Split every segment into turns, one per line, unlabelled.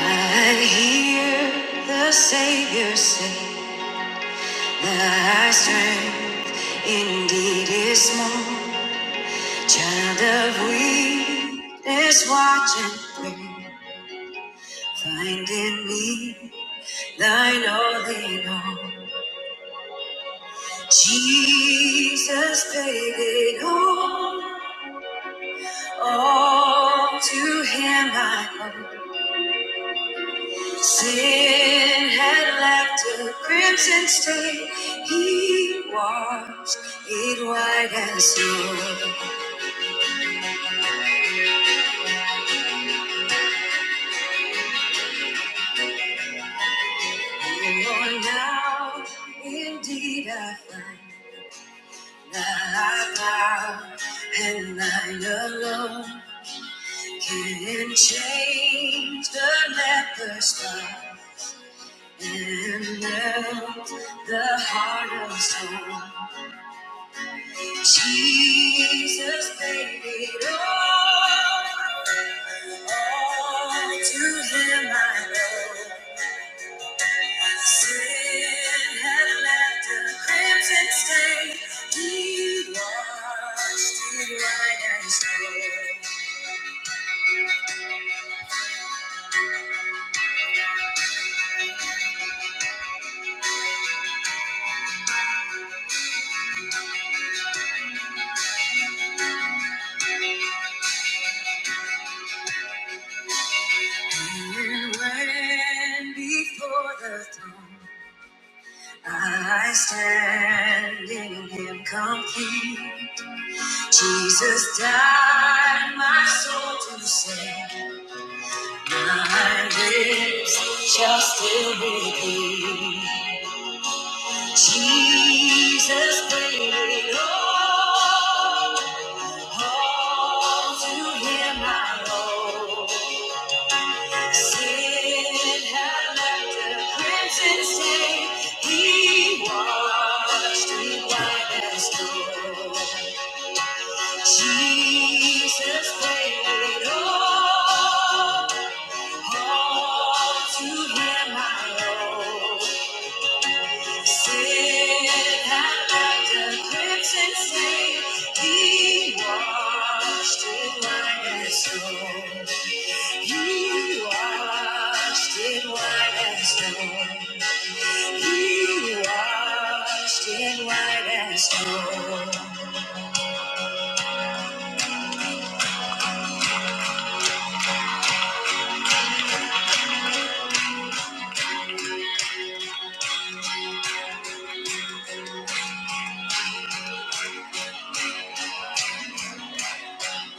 I hear the Savior say, My strength indeed is small. Child of weakness, watch and pray. Find in me thine all in all. Jesus paid it all. All to Him I owe. Sin had left a crimson stain. He washed it white as snow. Oh, Lord, now indeed I find thy power, and thine alone can change the leper's heart and melt the heart of stone. Jesus paid it all. All to him I owe. Sin had left a crimson stain. He washed it white as snow. And when before the throne I stand in him complete. Jesus died my soul to save. My lips shall still be thee. Jesus paid it all, all to him I owe. Sin had left a crimson stain, he washed me white as snow. Jesus paid it all, all to him I owe. He washed it white as snow.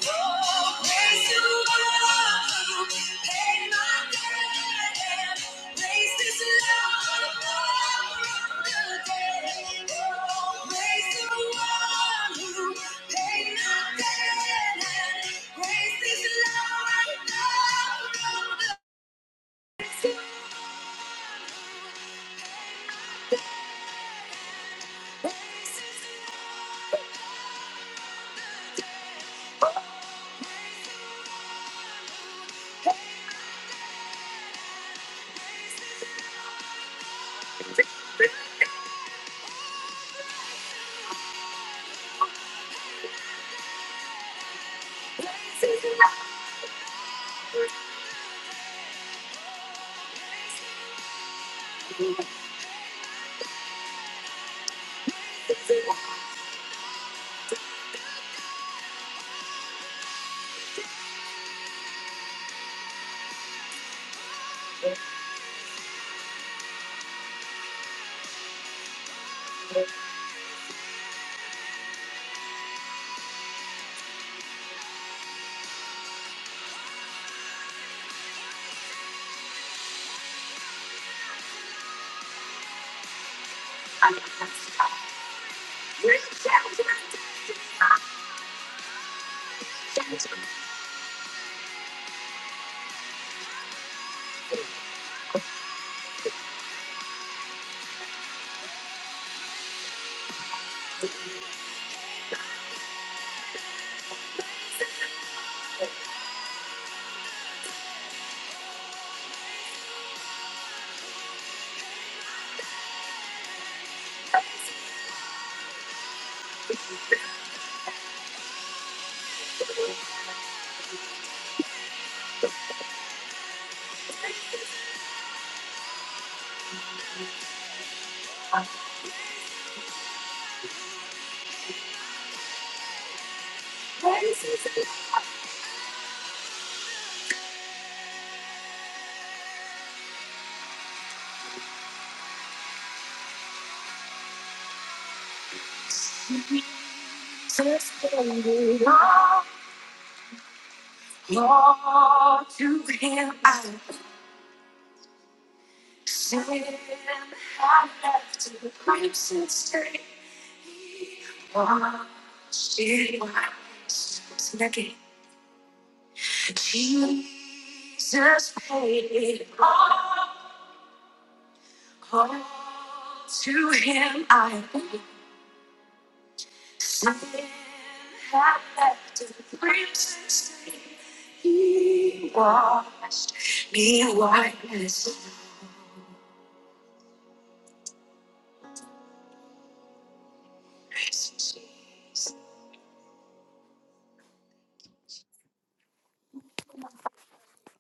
Raise this love.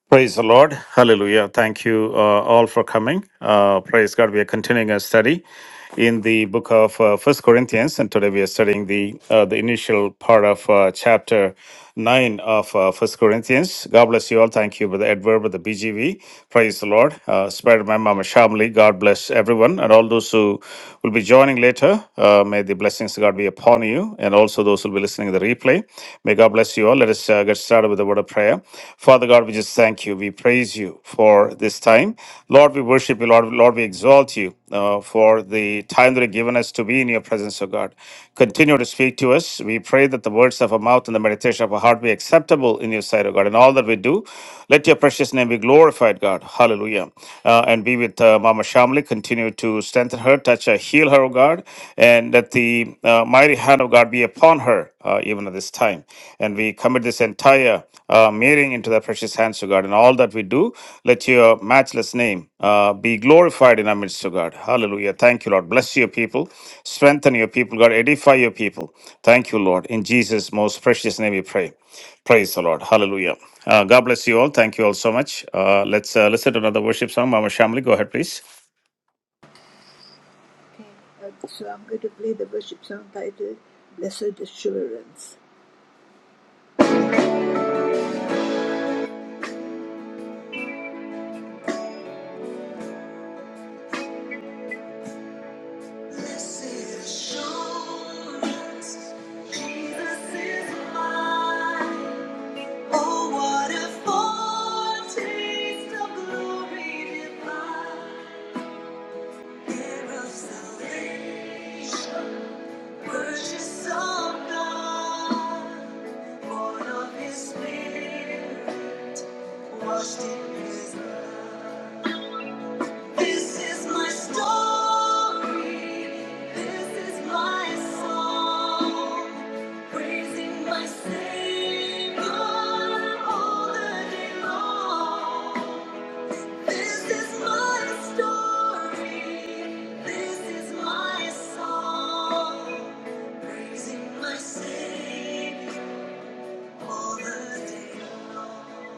Praise the Lord. Hallelujah. Thank you uh, all for coming. Uh, praise God. We are continuing our study in the book of uh, First Corinthians, and today we are studying the uh, the initial part of uh, chapter nine of uh, First Corinthians. God bless you all. Thank you, Brother Edward, Brother BGV. Praise the Lord. Uh, Spirit Man, Mama Shamli. God bless everyone, and all those who will be joining later. Uh, may the blessings of God be upon you, and also those who will be listening to the replay. May God bless you all. Let us uh, get started with a word of prayer. Father God, we just thank you. We praise you for this time. Lord, we worship you. Lord, Lord we exalt you uh, for the time that you've given us to be in your presence, O God. Continue to speak to us. We pray that the words of our mouth and the meditation of our heart be acceptable in your sight, O God. In all that we do, let your precious name be glorified, God. Hallelujah. Uh, and be with uh, Mama Shamli. Continue to strengthen her, touch her, heal her, O God. And let the uh, mighty hand of God be upon her uh, even at this time. And we commit this entire uh, meeting into the precious hands of God. And all that we do, let your matchless name uh, be glorified in our midst to God. Hallelujah. Thank you, Lord. Bless your people. Strengthen your people, God. Edify your people. Thank you, Lord. In Jesus' most precious name we pray. Praise the Lord. Hallelujah. Uh, God bless you all. Thank you all so much. Uh, let's uh, listen to another worship song. Mama Shamli, go ahead, please.
Uh, so I'm going to play the worship song titled Blessed Assurance. Blessed Assurance, Jesus is mine. Oh, what a foretaste of glory divine. Heir of salvation, purchase of God. Born of His Spirit, Washed in his blood. This is my story. This is my song. Praising my Savior all the day long. This is my story. This is my song. Praising my Savior all the day long.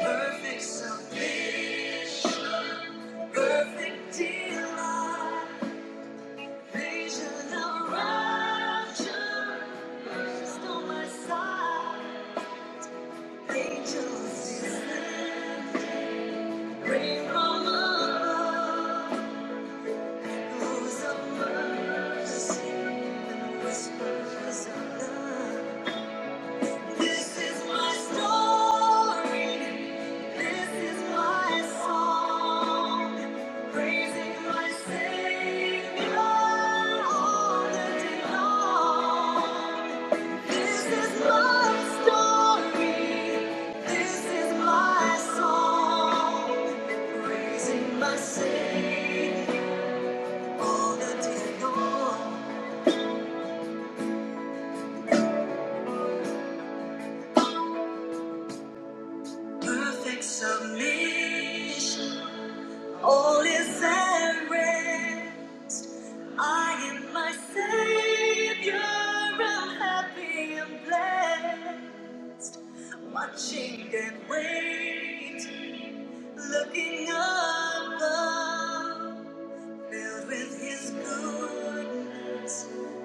Perfect salvation, perfect delight, vision of rapture, burst on my side. Angels descend, rain from above, rules of mercy and whispers of love. This is my story. This is my song. Praising my Savior all the day long. This is my story. This is my song. Praising my Savior all the day long. Perfect submission. All is at rest. I am my savior. I'm happy and blessed. Watching and wait, looking above, filled with His goodness,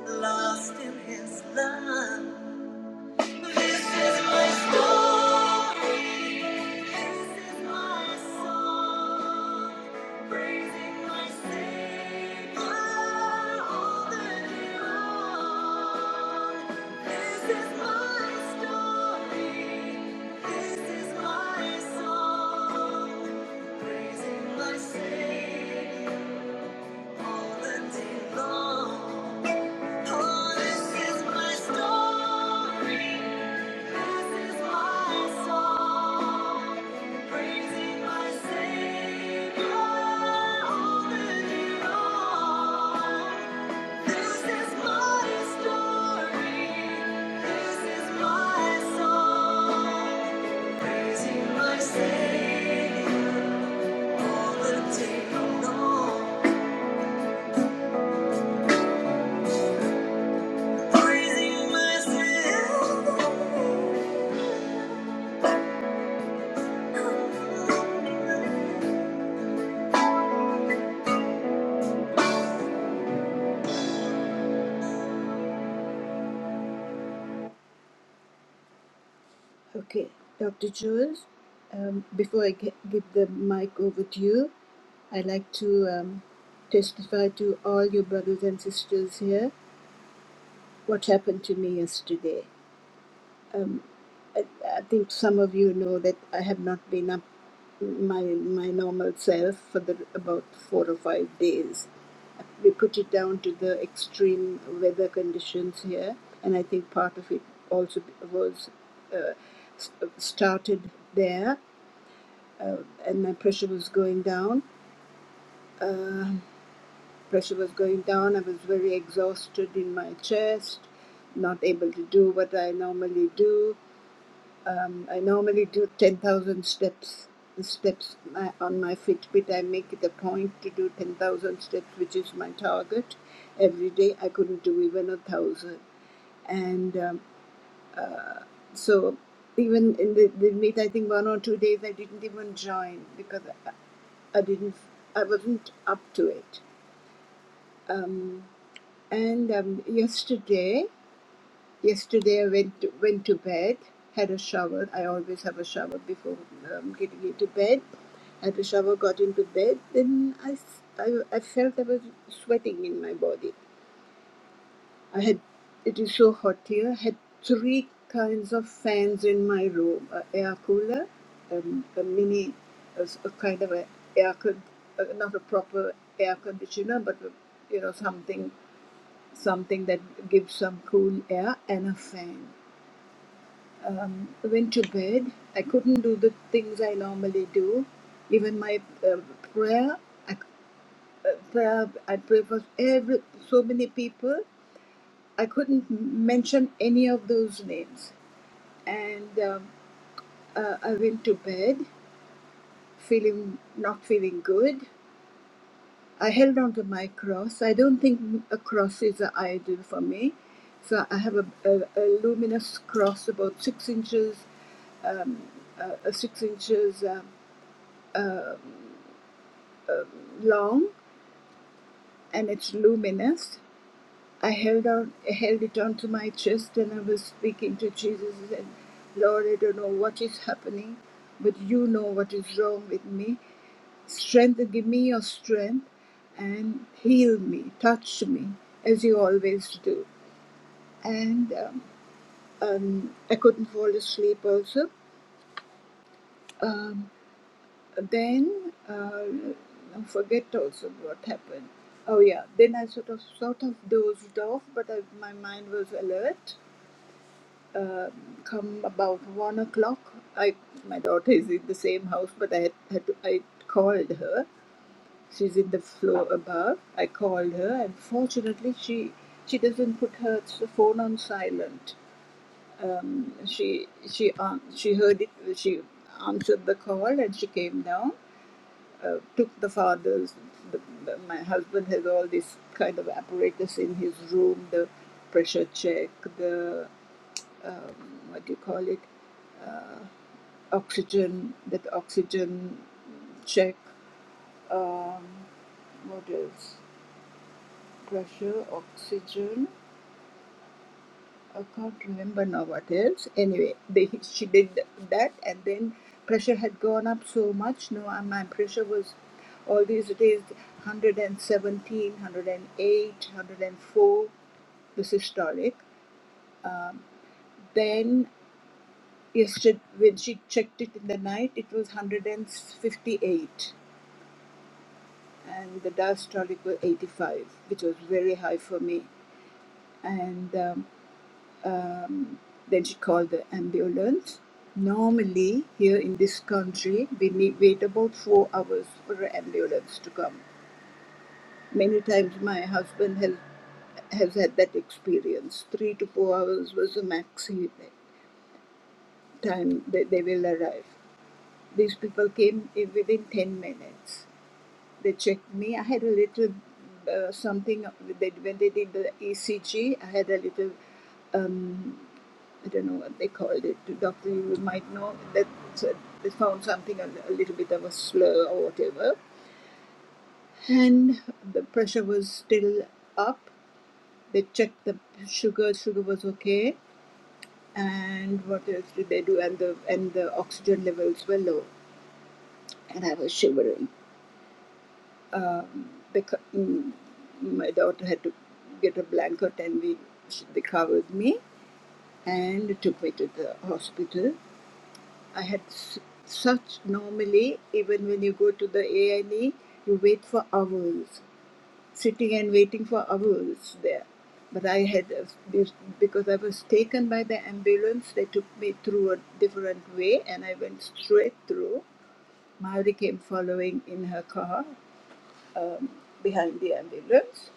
lost in His love. This is my story. This is my song. Praising my Savior all the day long. This is my story. This is my song. Praising my Savior all the day long. Oh, this is my story. This is my song. Praising my Savior all the day long. This is my story. This is my song. Praising my Savior all the day long. Praising my Savior. Okay, Dr. Jules, um, before I g- give the mic over to you, I'd like to um, testify to all your brothers and sisters here what happened to me yesterday. I, I think some of you know that I have not been up my my normal self for the, about four or five days. We put it down to the extreme weather conditions here, and I think part of it also was uh, s- started there. uh, and my pressure was going down. Uh, pressure was going down. I was very exhausted in my chest, not able to do what I normally do. I normally do 10,000 steps. Steps on my Fitbit, I make it a point to do 10,000 steps, which is my target every day. I couldn't do even a thousand, and um, so even in the, the meet, I think one or two days I didn't even join because I, I didn't, I wasn't up to it Um, and um, yesterday, yesterday I went to, went to bed, had a shower. I always have a shower before um, getting into bed. Had a shower, got into bed. Then I, s- I, I felt I was sweating in my body. I had it is so hot here. I had three kinds of fans in my room: a air cooler, um, a mini, a, s- a kind of a air con, uh, not a proper air conditioner, but a, you know something something that gives some cool air and a fan. Um, went to bed. I couldn't do the things I normally do. Even my uh, prayer, I, uh, prayer, I pray for every so many people. I couldn't m- mention any of those names, and um, uh, I went to bed feeling not feeling good. I held on to my cross. I don't think a cross is an idol for me. So I have a, a, a luminous cross about six inches, um, uh, six inches uh, long, and it's luminous. I held on, held it onto my chest, and I was speaking to Jesus and said, "Lord, I don't know what is happening, but you know what is wrong with me. Strength, give me your strength, and heal me, touch me, as you always do." and um, um, I couldn't fall asleep also. Um, then uh, I forget also what happened. Oh yeah, then I sort of sort of dozed off, but I, my mind was alert. Come about one o'clock, I my daughter is in the same house, but I had, had to, I called her. She's in the floor above. I called her, and fortunately she she doesn't put her phone on silent she she um, she heard it she answered the call and she came down uh, took the father's the, the, my husband has all this kind of apparatus in his room the pressure check the um, what do you call it uh, oxygen that oxygen check um, what else pressure oxygen I can't remember now what else. Anyway, they, she did that, and then pressure had gone up so much. No, and my pressure was all these days 117, 108, 104, the systolic. Then yesterday, when she checked it in the night, it was 158, and the diastolic was 85, which was very high for me. And um, Um, then she called the ambulance. Normally, here in this country, we need wait about four hours for an ambulance to come. Many times, my husband has has had that experience. Three to four hours was the max he- time that they will arrive. These people came in within ten minutes. They checked me. I had a little uh, something. They, when they did the ECG, I had a little. um, I don't know what they called it. Doctor, you might know that so they found something a, little bit of a slur or whatever, and the pressure was still up. They checked the sugar; sugar was okay, and what else did they do? And the and the oxygen levels were low, and I was shivering. Because my daughter had to get a blanket, and we they covered me, and took me to the hospital I had s- such normally, even when you go to the A&E, you wait for hours, sitting and waiting for hours there. But I had, a- this- because I was taken by the ambulance, they took me through a different way and I went straight through. Maori came following in her car behind the ambulance.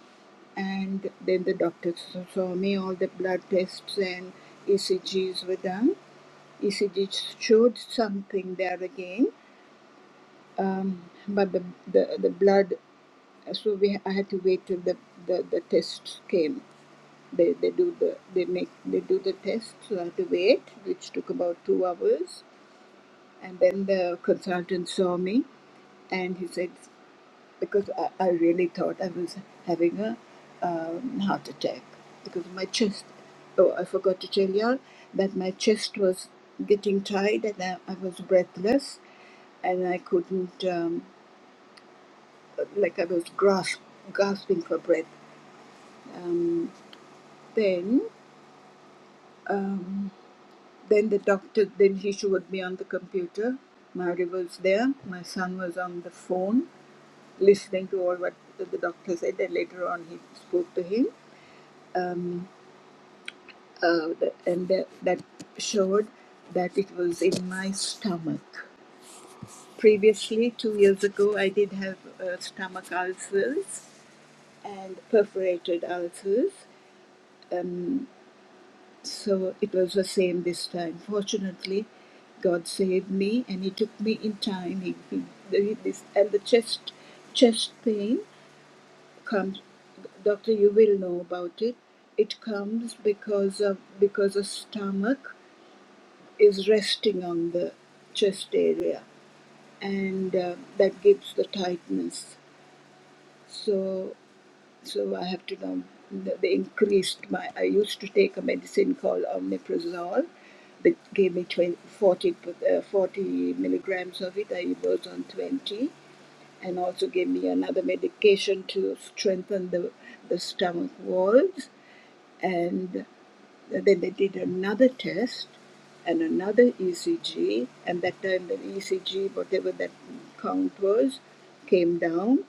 And then the doctors saw me, all the blood tests and ECGs were done. ECG showed something there again um, but the, the the blood so we I had to wait till the the, the test came they, they do the they make they do the test so I had to wait which took about two hours and then the consultant saw me and he said because I, I really thought I was having a um, heart attack because my chest oh I forgot to tell y'all that my chest was getting tight and I, I was breathless and I couldn't. Um, like I was grasp, gasping for breath. Um, then, um, then the doctor, then he showed me on the computer. Mary was there. My son was on the phone, listening to all what the doctor said. And later on, he spoke to him, uh, and that that showed that it was in my stomach. Previously, two years ago, I did have uh, stomach ulcers and perforated ulcers. Um, So it was the same this time. Fortunately, God saved me, and He took me in time. He, he, the- this, and the chest chest pain comes. Doctor, you will know about it. It comes because of because the stomach is resting on the chest area, and uh, that gives the tightness. So So I have to now, they increased my, I used to take a medicine called omeprazole. They gave me 20, forty, uh, 40 milligrams of it. I was on 20 and also gave me another medication to strengthen the, the stomach walls. And then they did another test and another ECG. And that time the ECG, whatever that count was, came down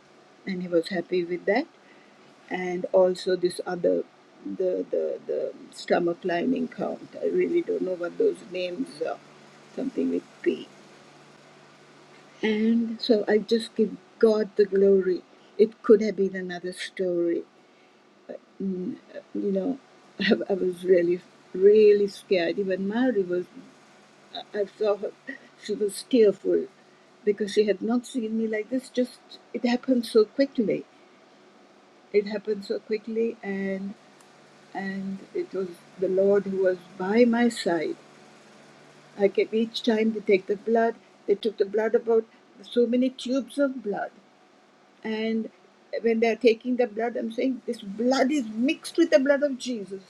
and he was happy with that and also this other the the the stomach lining count i really don't know what those names are something with p and so i just give god the glory it could have been another story Mm, you know i, I was really really scared even mary was i I saw her she was tearful because she had not seen me like this just it happened so quickly it happened so quickly and. and it was the Lord who was by my side. I kept each time they take the blood, they took the blood about so many tubes of blood. And when they are taking the blood, I'm saying this blood is mixed with the blood of Jesus.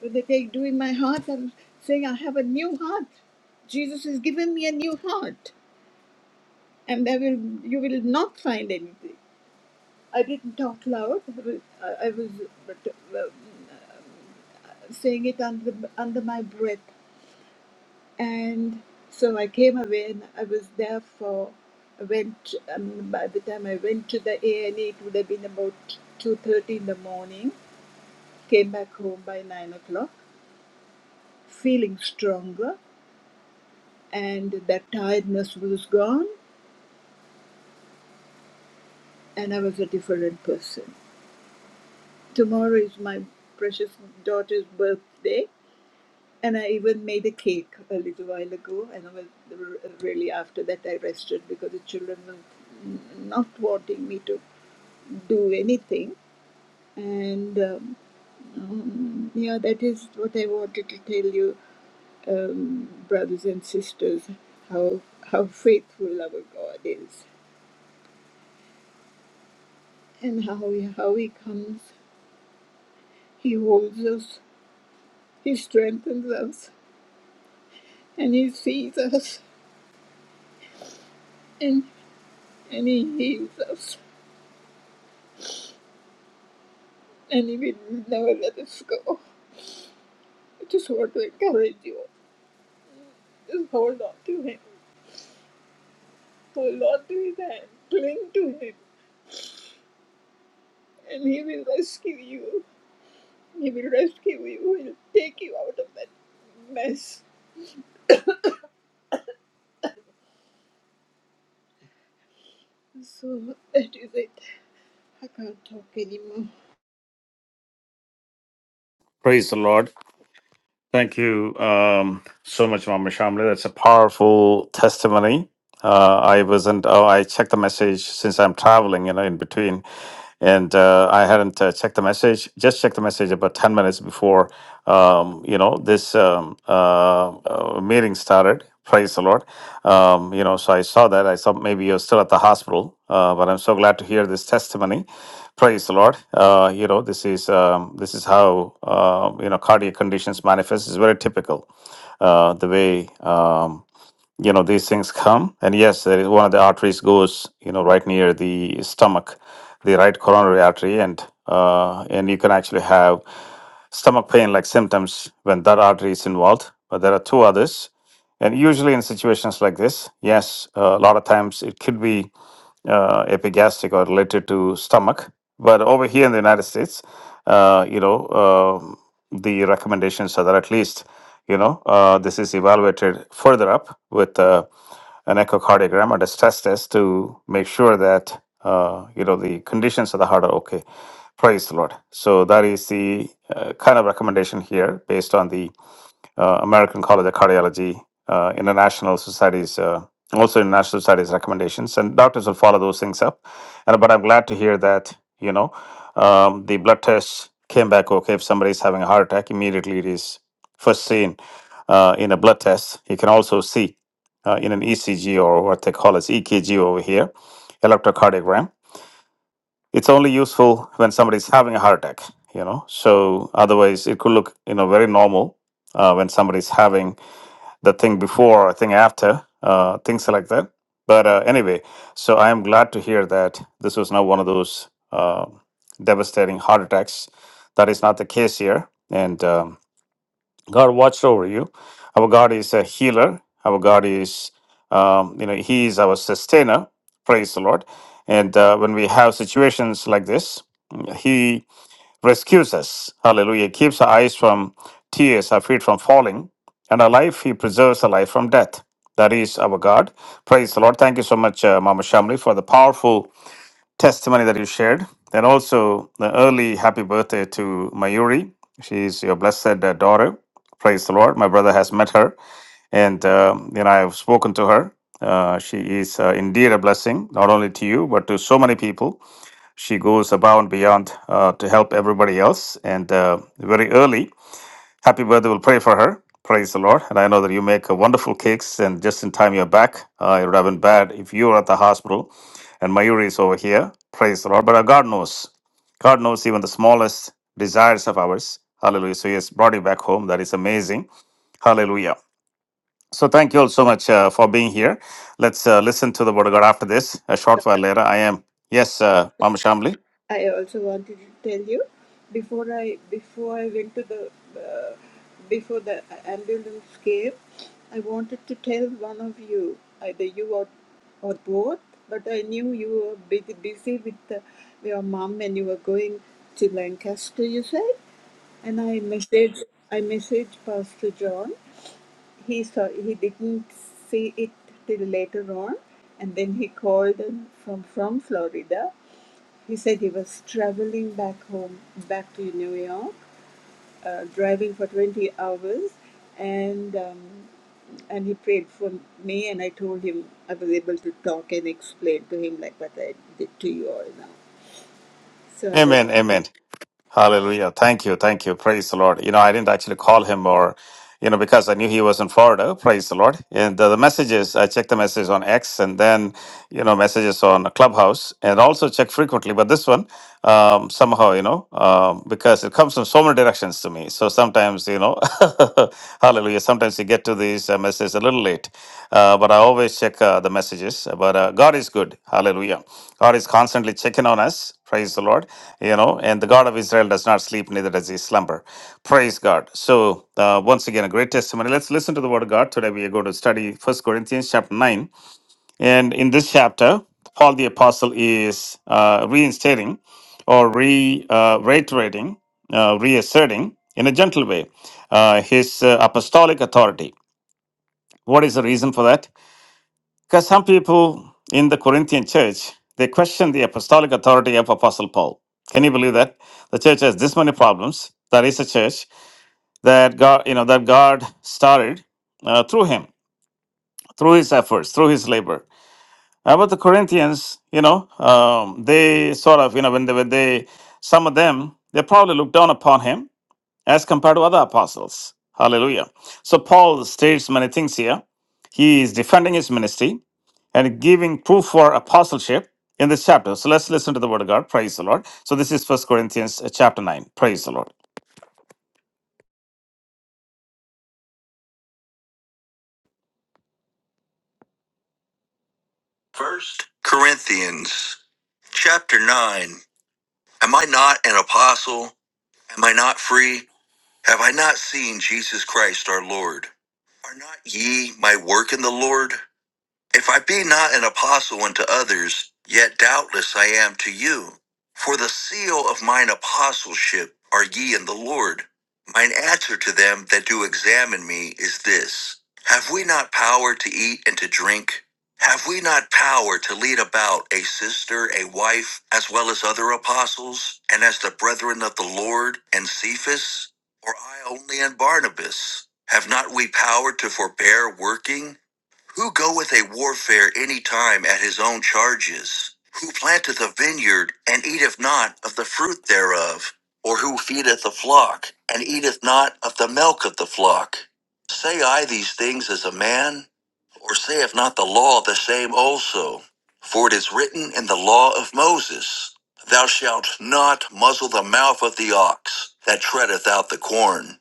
When they take doing my heart, I'm saying I have a new heart. Jesus has given me a new heart, and I will you will not find anything. I didn't talk loud. I was I was but, uh, saying it under under my breath. And so I came away and I was there for, I went, um, by the time I went to the A&E, it would have been about 2.30 in the morning. Came back home by 9 o'clock, feeling stronger and that tiredness was gone and I was a different person. Tomorrow is my precious daughter's birthday and I even made a cake a little while ago and I was really after that I rested because the children were n- not wanting me to do anything. And um, um, yeah, that is what I wanted to tell you, um, brothers and sisters, how how faithful our God is, and how he, how He comes, He holds us, He strengthens us, and He sees us, and and He heals us, and He will never let us go. I just want to encourage you. Just hold on to Him, hold on to His hand, cling to Him, and He will rescue you. He will rescue you. He will take you out of that mess. So that is it. I can't talk anymore.
Praise the Lord. Thank you um, so much, Mama Shamli. That's a powerful testimony. Uh, I wasn't. Oh, I checked the message since I'm traveling, you know, in between, and uh, I hadn't uh, checked the message. Just checked the message about ten minutes before, um, you know, this um, uh, uh, meeting started. Praise the Lord. Um, you know, so I saw that. I saw maybe you're still at the hospital, uh, but I'm so glad to hear this testimony. Praise the Lord. Uh, you know, this is um, this is how uh, you know cardiac conditions manifest. It's very typical uh, the way um, you know these things come. And yes, there is one of the arteries goes you know right near the stomach, the right coronary artery, and uh, and you can actually have stomach pain like symptoms when that artery is involved. But there are two others, and usually in situations like this, yes, uh, a lot of times it could be uh, epigastric or related to stomach. But over here in the United States, uh, you know, um the recommendations are that at least, you know, uh, this is evaluated further up with uh, an echocardiogram or a stress test to make sure that, uh, you know, the conditions of the heart are okay. Praise the Lord. So that is the uh, kind of recommendation here based on the uh, American College of Cardiology, uh, International Societies, uh, also International Societies recommendations, and doctors will follow those things up. And but I'm glad to hear that you know um, the blood test came back okay. If somebody is having a heart attack, immediately it is first seen uh, in a blood test. You can also see uh, in an ECG or what they call as EKG over here, electrocardiogram. It's only useful when somebody's having a heart attack, you know. So otherwise, it could look you know very normal uh, when somebody's having the thing before or thing after, uh, things like that. But uh, anyway, so I am glad to hear that this was not one of those uh, devastating heart attacks. That is not the case here. And um, God watched over you. Our God is a healer. Our God is, um, you know, He is our sustainer. Praise the Lord. And uh, when we have situations like this, He rescues us. Hallelujah. Keeps our eyes from tears, our feet from falling, and our life, He preserves our life from death. That is our God. Praise the Lord. Thank you so much, uh, Mama Shamli, for the powerful testimony that you shared. And also the early happy birthday to Mayuri. She is your blessed uh, daughter. Praise the Lord. My brother has met her, and um, you know I have spoken to her. Uh, she is uh, indeed a blessing, not only to you but to so many people. She goes above and beyond uh, to help everybody else. And uh, very early, happy birthday. We'll pray for her. Praise the Lord. And I know that you make uh, wonderful cakes, and just in time you're back. Uh, it would have been bad if you were at the hospital and Mayuri is over here. Praise the Lord. But uh, God knows. God knows even the smallest desires of ours. Hallelujah. So He has brought you back home. That is amazing. Hallelujah. So thank you all so much uh, for being here. Let's uh, listen to the word of God after this. A short while later, I am. Yes, uh, Mama Shamli.
I also wanted to tell you before I before I went to the uh, before the ambulance came, I wanted to tell one of you either you or or both. But I knew you were busy, busy with the, your mom and you were going to Lancaster. You said, and I messaged I messaged Pastor John he saw he didn't see it till later on and then he called from from florida he said he was traveling back home back to new york uh, driving for 20 hours and um, and he prayed for me and i told him i was able to talk and explain to him like what i did to you all now so i was
Amen. Amen. Hallelujah. Thank you. Thank you. Praise the Lord. You know, I didn't actually call him or, you know, because I knew he was in Florida. Praise the Lord. And the, the messages, I check the messages on X and then, you know, messages on Clubhouse and also check frequently. But this one, um, somehow, you know, um, because it comes from so many directions to me. So sometimes, you know, hallelujah. Sometimes you get to these uh, messages a little late. Uh, but I always check uh, the messages. But uh, God is good. Hallelujah. God is constantly checking on us. Praise the Lord. You know, and the God of Israel does not sleep, neither does he slumber. Praise God. So, uh, once again, a great testimony. Let's listen to the word of God. Today we are going to study First Corinthians chapter 9. And in this chapter, Paul the Apostle is uh, reinstating or re uh, reiterating, uh, reasserting in a gentle way uh, his uh, apostolic authority. What is the reason for that? Because some people in the Corinthian church, they question the apostolic authority of Apostle Paul. Can you believe that? The church has this many problems. That is a church that God, you know, that God started uh, through him, through his efforts, through his labor. About the Corinthians, you know, um, they sort of, you know, when they, when they, some of them, they probably looked down upon him as compared to other apostles. Hallelujah. So Paul states many things here. He is defending his ministry and giving proof for apostleship in this chapter. So let's listen to the word of God. Praise the Lord. So this is First Corinthians uh, chapter 9. Praise the Lord. First Corinthians chapter 9. Am I not an apostle? Am I not free? Have I not seen Jesus Christ our Lord? Are not ye my work in the Lord? If I be not an apostle unto others, yet doubtless I am to you. For the seal of mine apostleship are ye in the Lord. Mine answer to them that do examine me is this Have we not power to eat and to drink? Have we not power to lead about a sister, a wife, as well as other apostles, and as the brethren of the Lord and Cephas? Or I only and Barnabas? Have not we power to forbear working? Who goeth a warfare any time at his own charges? Who planteth a vineyard and eateth not of the fruit thereof? Or who feedeth the flock and eateth not of the milk of the flock? Say I these things as a man? Or saith not the law the same also? For it is written in the law of Moses, Thou shalt not muzzle the mouth of the ox that treadeth out the corn.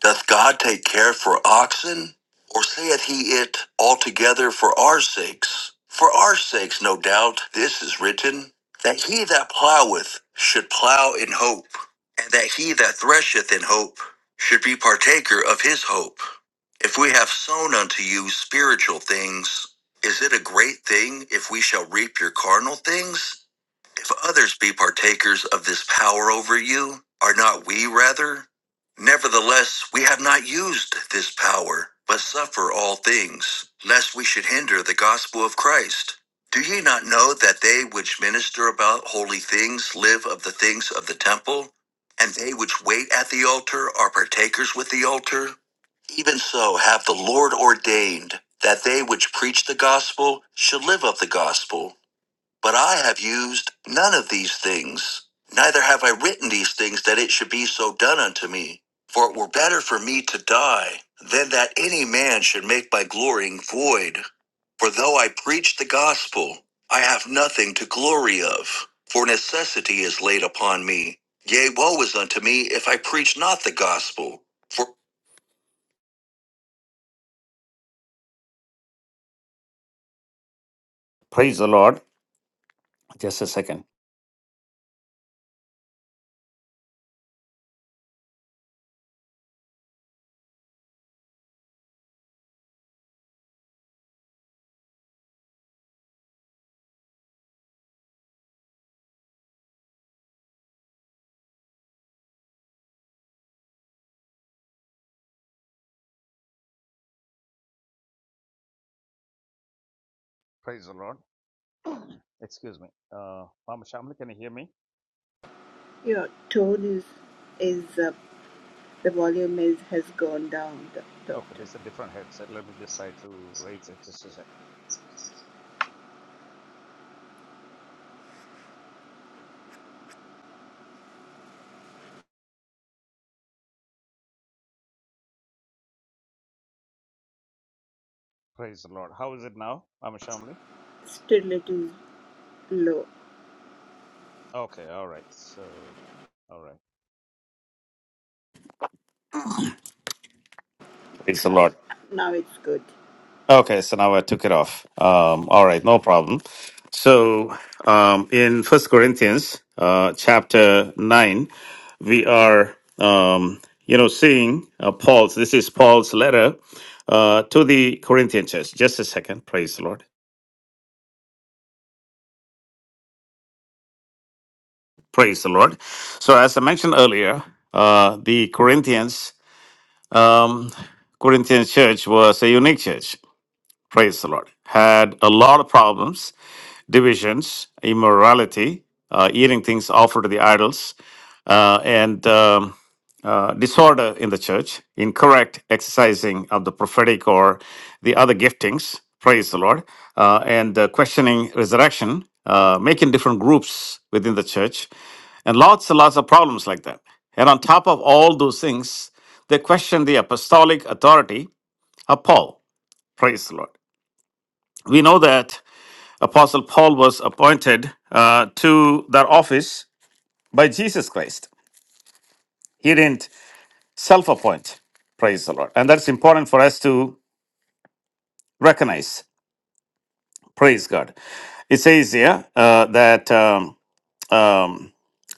Doth God take care for oxen? Or saith he it altogether for our sakes? For our sakes, no doubt, this is written, that he that ploweth should plow in hope, and that he that thresheth in hope should be partaker of his hope. If we have sown unto you spiritual things, is it a great thing if we shall reap your carnal things? If others be partakers of this power over you, are not we rather? Nevertheless, we have not used this power, but suffer all things, lest we should hinder the gospel of Christ. Do ye not know that they which minister about holy things live of the things of the temple, and they which wait at the altar are partakers with the altar? Even so hath the Lord ordained that they which preach the gospel should live of the gospel but I have used none of these things, neither have I written these things that it should be so done unto me. For it were better for me to die than that any man should make my glorying void. For though I preach the gospel, I have nothing to glory of, for necessity is laid upon me. Yea, woe is unto me if I preach not the gospel. For Praise the Lord. Just a second. Praise the Lord. Excuse me. Uh, Mama Shamli, can you hear me?
your tone is is uh, the volume is has gone down doc-
Okay,
doctor
this is a different headset. Let me just try to raise it just a sec. Praise the Lord. How is it now, Mama Shamli?
still it is low
Okay, all right. So, all right. Praise the
Now
Lord.
now it's good.
Okay, so now I took it off. Um, all right, no problem. So, um, in First Corinthians uh, chapter nine, we are, um, you know, seeing uh, Paul's. This is Paul's letter uh, to the Corinthian church. Just a second. Praise the Lord. Praise the Lord. So, as I mentioned earlier, uh, the Corinthians, um, Corinthian church was a unique church. Praise the Lord. Had a lot of problems, divisions, immorality, uh, eating things offered to the idols, uh, and um, uh, disorder in the church, incorrect exercising of the prophetic or the other giftings, praise the Lord, uh, and uh, questioning resurrection, uh, making different groups within the church, and lots and lots of problems like that. And on top of all those things, they question the apostolic authority of Paul, praise the Lord. We know that Apostle Paul was appointed uh, to that office by Jesus Christ. He didn't self appoint. Praise the Lord. And that's important for us to recognize. Praise God. It says here uh, that. Um, um,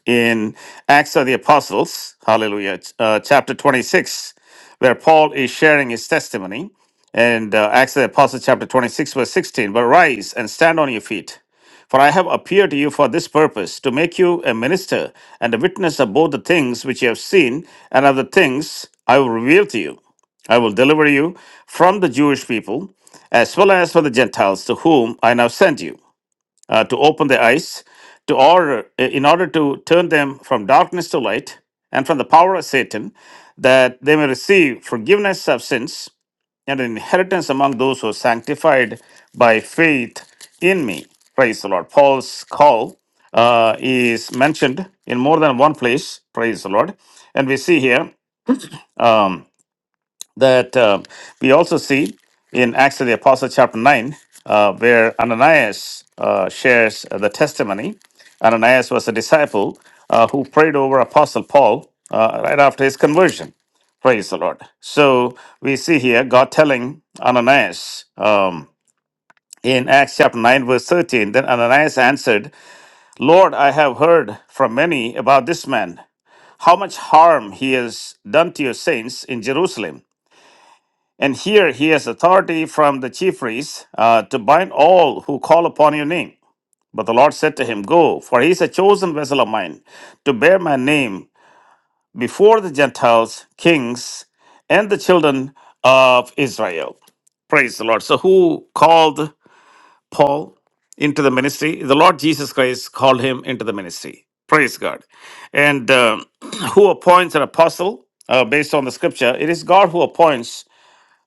in Acts of the Apostles, hallelujah, uh, chapter 26, where Paul is sharing his testimony. And uh, Acts of the Apostles, chapter 26, verse 16. But rise and stand on your feet, for I have appeared to you for this purpose, to make you a minister and a witness of both the things which you have seen and of the things I will reveal to you. I will deliver you from the Jewish people as well as for the Gentiles to whom I now send you uh, to open their eyes to order in order to turn them from darkness to light and from the power of satan that they may receive forgiveness of sins and an inheritance among those who are sanctified by faith in me praise the lord paul's call uh, is mentioned in more than one place praise the lord and we see here Um, that uh, we also see in Acts of the Apostles, chapter 9, uh, where Ananias uh, shares the testimony. Ananias was a disciple uh, who prayed over Apostle Paul uh, right after his conversion. Praise the Lord. So we see here God telling Ananias um, in Acts chapter 9, verse 13 Then Ananias answered, Lord, I have heard from many about this man, how much harm he has done to your saints in Jerusalem. And here he has authority from the chief priests uh, to bind all who call upon your name. But the Lord said to him, Go, for he is a chosen vessel of mine to bear my name before the Gentiles, kings, and the children of Israel. Praise the Lord. So, who called Paul into the ministry? The Lord Jesus Christ called him into the ministry. Praise God. And uh, who appoints an apostle uh, based on the scripture? It is God who appoints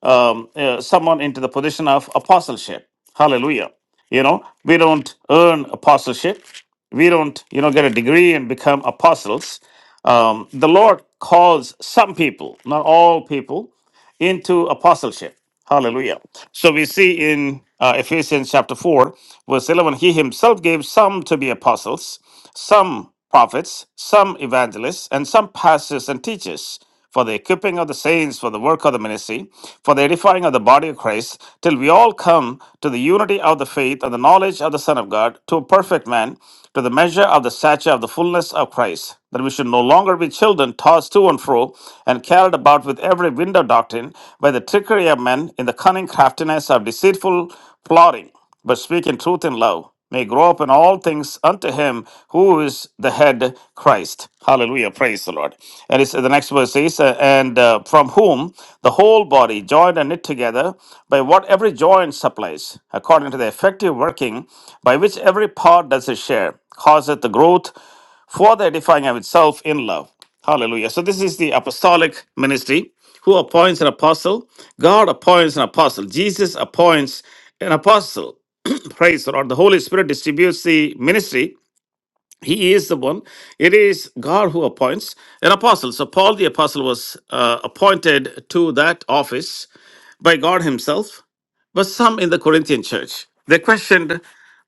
um, uh, someone into the position of apostleship. Hallelujah. You know, we don't earn apostleship. We don't, you know, get a degree and become apostles. Um, the Lord calls some people, not all people, into apostleship. Hallelujah. So we see in uh, Ephesians chapter 4, verse 11, he himself gave some to be apostles some prophets, some evangelists, and some pastors and teachers, for the equipping of the saints, for the work of the ministry, for the edifying of the body of Christ, till we all come to the unity of the faith and the knowledge of the Son of God, to a perfect man, to the measure of the stature of the fullness of Christ, that we should no longer be children tossed to and fro and carried about with every wind of doctrine by the trickery of men in the cunning craftiness of deceitful plotting but speaking truth in love, may grow up in all things unto him who is the head, Christ. Hallelujah. Praise the Lord. And it's, the next verse says, uh, And uh, from whom the whole body, joined and knit together by what every joint supplies, according to the effective working by which every part does its share, causeth the growth for the edifying of itself in love. Hallelujah. So, this is the apostolic ministry. Who appoints an apostle? God appoints an apostle. Jesus appoints an apostle. Praise the Lord. The Holy Spirit distributes the ministry. He is the one. It is God who appoints an apostle. So, Paul the apostle was uh, appointed to that office by God Himself, but some in the Corinthian church. They questioned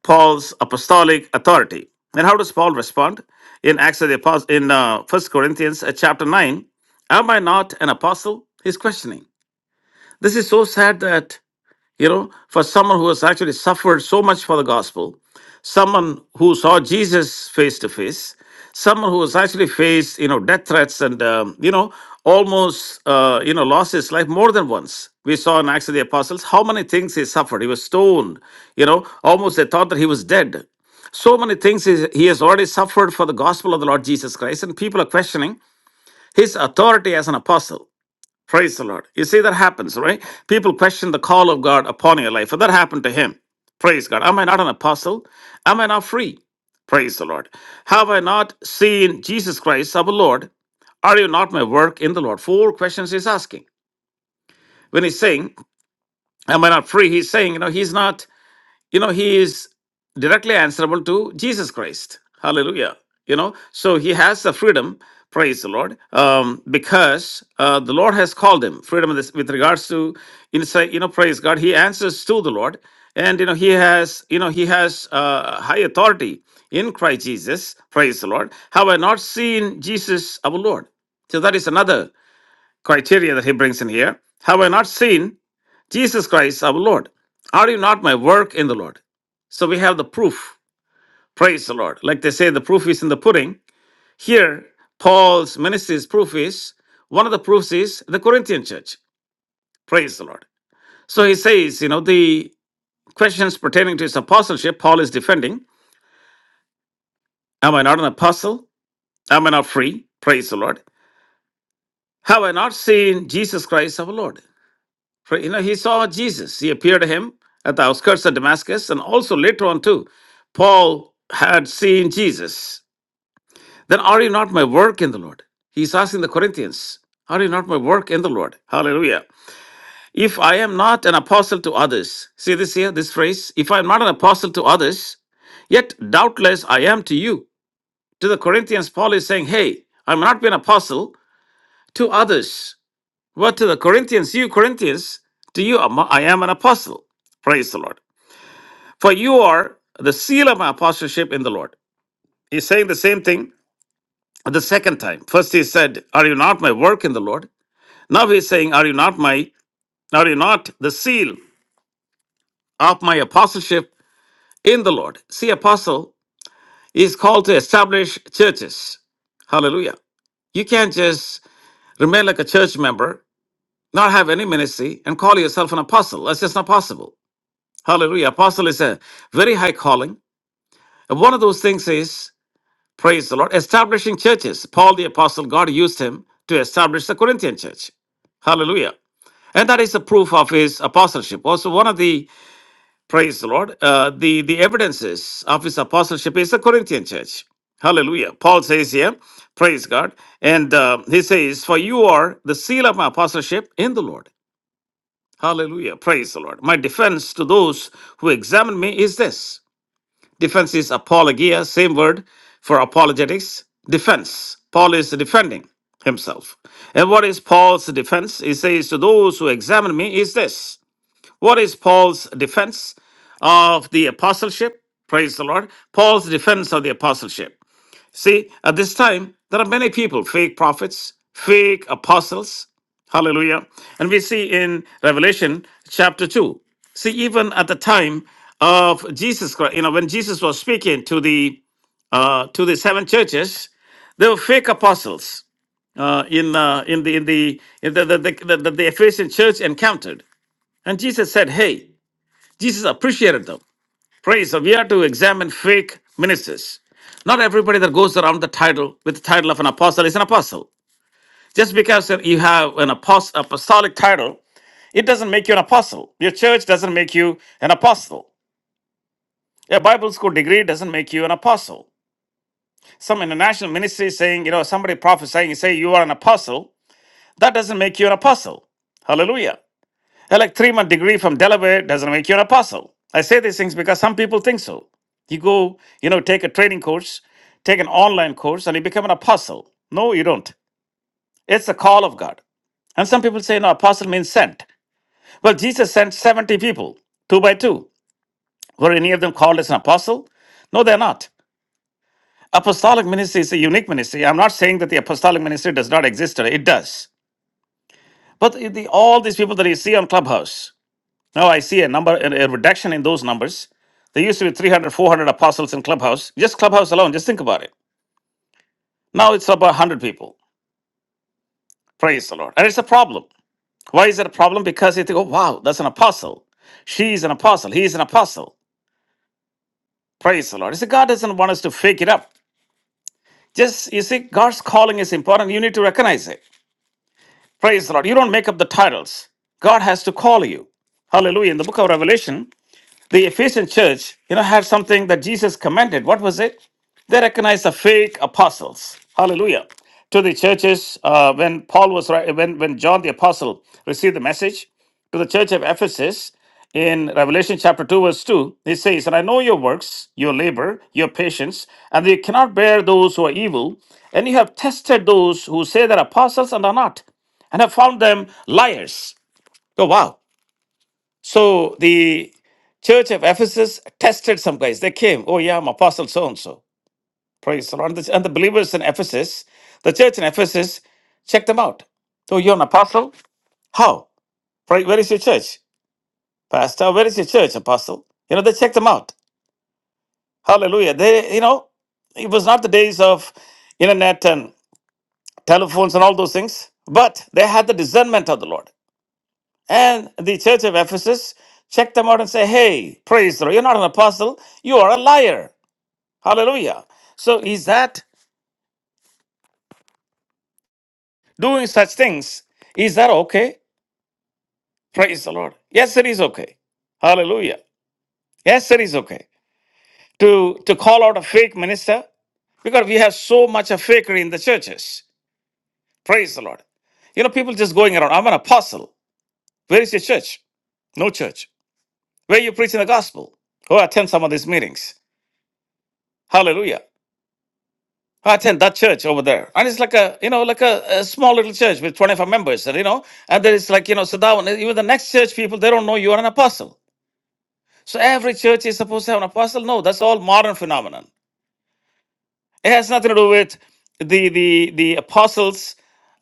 Paul's apostolic authority. And how does Paul respond? In Acts of the Apostles, in uh, 1 Corinthians uh, chapter 9, am I not an apostle? He's questioning. This is so sad that you know, for someone who has actually suffered so much for the gospel, someone who saw Jesus face to face, someone who has actually faced, you know, death threats and, um, you know, almost, uh, you know, lost his life more than once. We saw in Acts of the Apostles how many things he suffered. He was stoned, you know, almost they thought that he was dead. So many things he he has already suffered for the gospel of the Lord Jesus Christ, and people are questioning his authority as an apostle. Praise the Lord. You see, that happens, right? People question the call of God upon your life, and that happened to him. Praise God. Am I not an apostle? Am I not free? Praise the Lord. Have I not seen Jesus Christ, our Lord? Are you not my work in the Lord? Four questions he's asking. When he's saying, Am I not free? He's saying, you know, he's not you know he is directly answerable to jesus christ hallelujah you know so he has the freedom praise the lord um, because uh, the lord has called him freedom with with regards to inside you know praise god he answers to the lord and you know he has you know he has uh, high authority in christ jesus praise the lord have i not seen jesus our lord so that is another criteria that he brings in here have i not seen Jesus Christ, our Lord. Are you not my work in the Lord? So we have the proof. Praise the Lord. Like they say, the proof is in the pudding. Here, Paul's ministry's proof is one of the proofs is the Corinthian church. Praise the Lord. So he says, you know, the questions pertaining to his apostleship, Paul is defending. Am I not an apostle? Am I not free? Praise the Lord. Have I not seen Jesus Christ our Lord? For, you know, he saw Jesus. He appeared to him at the outskirts of Damascus, and also later on too, Paul had seen Jesus. Then are you not my work in the Lord? He's asking the Corinthians, are you not my work in the Lord? Hallelujah. If I am not an apostle to others, see this here, this phrase, if I am not an apostle to others, yet doubtless I am to you. To the Corinthians, Paul is saying, hey, I am not be an apostle to others. But to the Corinthians, you Corinthians, to you am- I am an apostle. Praise the Lord. For you are the seal of my apostleship in the Lord. He's saying the same thing the second time. First he said, Are you not my work in the Lord? Now he's saying, Are you not my are you not the seal of my apostleship in the Lord? See, apostle is called to establish churches. Hallelujah. You can't just remain like a church member, not have any ministry, and call yourself an apostle. That's just not possible. Hallelujah. Apostle is a very high calling. And one of those things is, praise the Lord, establishing churches. Paul the apostle, God used him to establish the Corinthian church. Hallelujah. And that is a proof of his apostleship. Also, one of the, praise the Lord, uh, the, the evidences of his apostleship is the Corinthian church. Hallelujah. Paul says here, praise God. And uh, he says, For you are the seal of my apostleship in the Lord. Hallelujah. Praise the Lord. My defense to those who examine me is this. Defense is apologia, same word for apologetics. Defense. Paul is defending himself. And what is Paul's defense? He says to those who examine me is this. What is Paul's defense of the apostleship? Praise the Lord. Paul's defense of the apostleship. See, at this time, there are many people, fake prophets, fake apostles. Hallelujah. And we see in Revelation chapter 2. See, even at the time of Jesus Christ, you know, when Jesus was speaking to the uh, to the seven churches, there were fake apostles uh, in, uh, in the in the in the the, the, the, the Ephesian church encountered. And Jesus said, "Hey, Jesus appreciated them. Praise. the- We are to examine fake ministers. Not everybody that goes around the title with the title of an apostle is an apostle. Just because that you have an apost- apostolic title, it doesn't make you an apostle. Your church doesn't make you an apostle. A Bible school degree doesn't make you an apostle. Some international ministry saying, you know, somebody prophesying, say you are an apostle, that doesn't make you an apostle. Hallelujah. A like three month degree from Delaware doesn't make you an apostle. I say these things because some people think so. You go, you know, take a training course, take an online course, and you become an apostle. No, you don't. It's the call of God. And some people say, no, apostle means sent. Well, Jesus sent 70 people, two by two. Were any of them called as an apostle? No, they're not. Apostolic ministry is a unique ministry. I'm not saying that the apostolic ministry does not exist today, it does. But the, all these people that you see on Clubhouse, Now I see a number, a a reduction in those numbers. There used to be 300, 400 apostles in Clubhouse. Just Clubhouse alone, just think about it. Now it's about 100 people. Praise the Lord. And it's a problem. Why is it a problem? Because you think, oh, wow, that's an apostle. She is an apostle. He is an apostle. Praise the Lord. You see, God doesn't want us to fake it up. Just, you see, God's calling is important. You need to recognize it. Praise the Lord. You don't make up the titles. God has to call you. Hallelujah. In the book of Revelation, The Ephesian church, you know, had something that Jesus commended. What was it? They recognized the fake apostles. Hallelujah. To the churches, uh, when Paul was wri- when when John the apostle received the message to the church of Ephesus in Revelation chapter two verse two, he says, "And I know your works, your labor, your patience, and that you cannot bear those who are evil, and you have tested those who say they're apostles and are not, and have found them liars." Oh wow! So the church of Ephesus tested some guys. They came, oh yeah, I'm apostle so and so. Praise the Lord. And the and the believers in Ephesus, the church in Ephesus, checked them out. So you're an apostle? How? Pray, where is your church? Pastor, where is your church, apostle? You know, they checked them out. Hallelujah. They, you know, it was not the days of internet and telephones and all those things, but they had the discernment of the Lord. And the church of Ephesus checked them out and say, Hey, praise the Lord, you're not an apostle, you are a liar. Hallelujah. So is that doing such things? Is that okay? Praise the Lord. Yes, it is okay. Hallelujah. Yes, it is okay. To to call out a fake minister, because we have so much of fakery in the churches. Praise the Lord. You know, people just going around, I'm an apostle. Where is your church? No church. Where are you preaching the gospel? Oh, attend some of these meetings. Hallelujah. I attend that church over there, and it's like a you know like a, a small little church with 25 members, you know, and there is like you know so that one even the next church people they don't know you are an apostle. So every church is supposed to have an apostle. No, that's all modern phenomenon. It has nothing to do with the the the apostles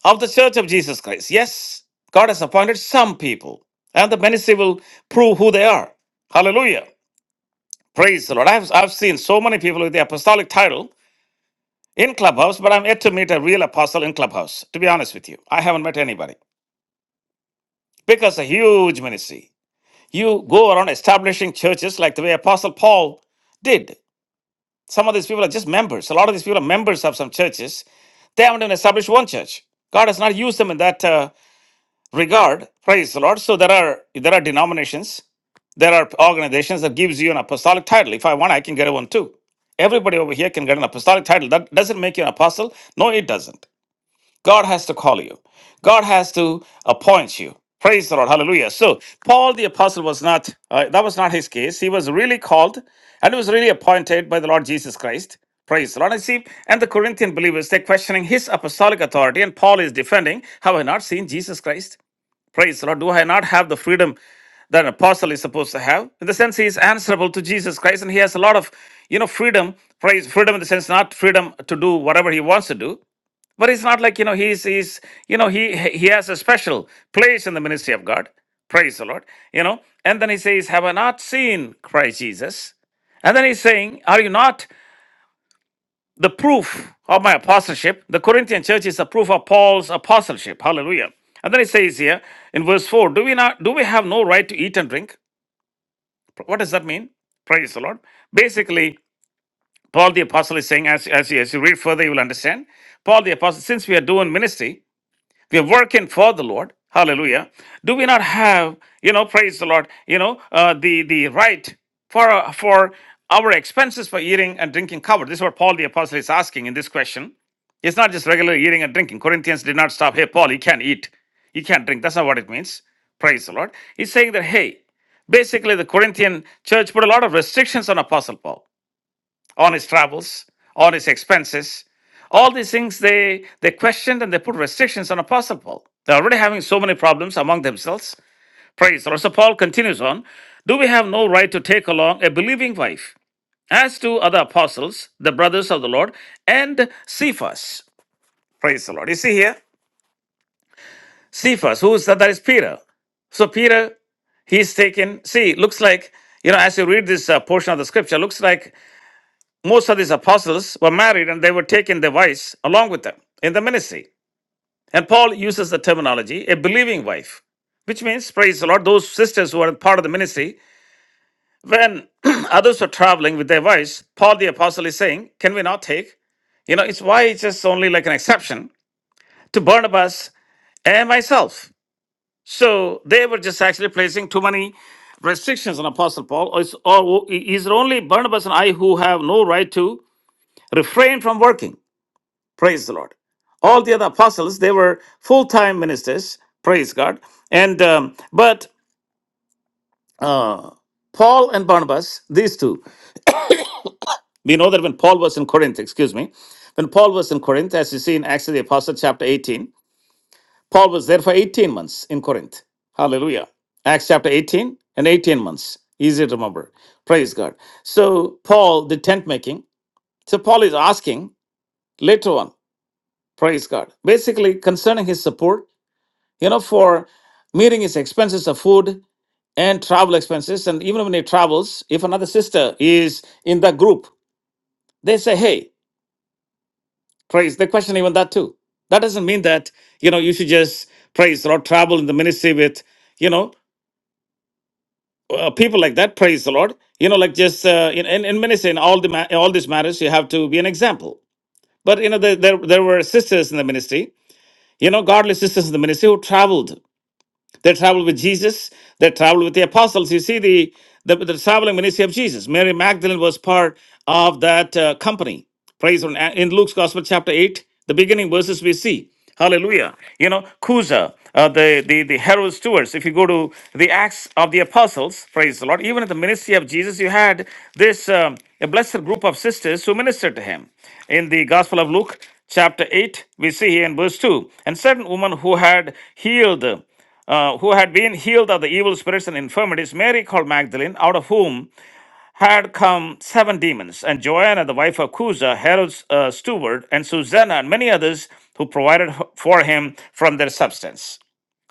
of the Church of Jesus Christ. Yes, God has appointed some people, and the ministry will prove who they are. Hallelujah. Praise the Lord. I've, I've seen so many people with the apostolic title in Clubhouse, but I'm yet to meet a real apostle in Clubhouse, to be honest with you. I haven't met anybody because a huge ministry. You go around establishing churches like the way Apostle Paul did. Some of these people are just members. A lot of these people are members of some churches. They haven't even established one church. God has not used them in that uh, regard. Praise the Lord. So there are there are denominations, there are organizations that gives you an apostolic title. If I want, I can get one too. Everybody over here can get an apostolic title. That doesn't make you an apostle. No, it doesn't. God has to call you. God has to appoint you. Praise the Lord. Hallelujah. So Paul the apostle was not uh, that was not his case. He was really called and he was really appointed by the Lord Jesus Christ. Praise the Lord. And see, and the Corinthian believers, they're questioning his apostolic authority, and Paul is defending, have I not seen Jesus Christ? Praise the Lord. Do I not have the freedom that an apostle is supposed to have? In the sense, he is answerable to Jesus Christ, and he has a lot of, you know, freedom. Praise freedom in the sense, not freedom to do whatever he wants to do, but it's not like, you know, he's, he's you know, he, he has a special place in the ministry of God. Praise the Lord. You know, and then he says, Have I not seen Christ Jesus? And then he's saying, Are you not the proof of my apostleship? The Corinthian church is the proof of Paul's apostleship. Hallelujah. And then he says here in verse 4, Do we not do we have no right to eat and drink? What does that mean? Praise the Lord. Basically, Paul the Apostle is saying, as, as, you, as you read further, you will understand. Paul the Apostle, since we are doing ministry, we are working for the lord hallelujah do we not have you know praise the lord you know uh, the the right for for our expenses for eating and drinking covered this is what paul the apostle is asking in this question it's not just regular eating and drinking corinthians did not stop hey paul you can't eat you can't drink that's not what it means praise the lord he's saying that hey basically the corinthian church put a lot of restrictions on apostle paul on his travels, on his expenses. All these things they they questioned and they put restrictions on Apostle Paul. They're already having so many problems among themselves. Praise. the Lord. So Paul continues on. Do we have no right to take along a believing wife? As to other apostles, the brothers of the Lord, and Cephas. Praise the Lord. You see here? Cephas, who is that? That is Peter. So Peter, he's taken. See, looks like you know as you read this uh, portion of the scripture, looks like Most of these apostles were married and they were taking their wives along with them in the ministry. And Paul uses the terminology a believing wife, which means, praise the Lord, those sisters who are part of the ministry, when others were traveling with their wives, Paul the apostle is saying, Can we not take? You know, it's why it's just only like an exception to Barnabas and myself. So they were just actually placing too many restrictions on Apostle Paul. Or, is- or is it only Barnabas and I who have no right to refrain from working? Praise the Lord. All the other apostles, they were full time ministers. Praise God. And um, but uh, Paul and Barnabas, these two, we know that when Paul was in Corinth, excuse me, when Paul was in Corinth, as you see in Acts of the Apostle, chapter 18, Paul was there for 18 months in Corinth. Hallelujah. Acts chapter 18 and 18 months. Easy to remember. Praise God. So, Paul, the tent making, so Paul is asking later on, praise God, basically concerning his support you know, for meeting his expenses of food and travel expenses. And even when he travels, if another sister is in the group, they say, hey, praise. They question even that too. That doesn't mean that, you know, you should just praise the Lord, travel in the ministry with, you know, uh, people like that, praise the Lord. You know, like just uh, in, in, in ministry, in all, the ma- in all these matters, you have to be an example. But, you know, there, there, there were sisters in the ministry, you know, godly sisters in the ministry who traveled They traveled with Jesus. They traveled with the apostles. You see the the, the traveling ministry of Jesus. Mary Magdalene was part of that uh, company. Praise on in Luke's Gospel, chapter eight, the beginning verses we see. Hallelujah. You know, Cusa, uh, the, the, the herald stewards, if you go to the Acts of the Apostles, praise the Lord, even at the ministry of Jesus, you had this um, a blessed group of sisters who ministered to him. In the Gospel of Luke, chapter 8, we see here in verse 2, and certain woman who had healed uh, who had been healed of the evil spirits and infirmities, Mary called Magdalene, out of whom had come seven demons, and Joanna, the wife of Cusa, Herod's uh, steward, and Susanna, and many others who provided for him from their substance.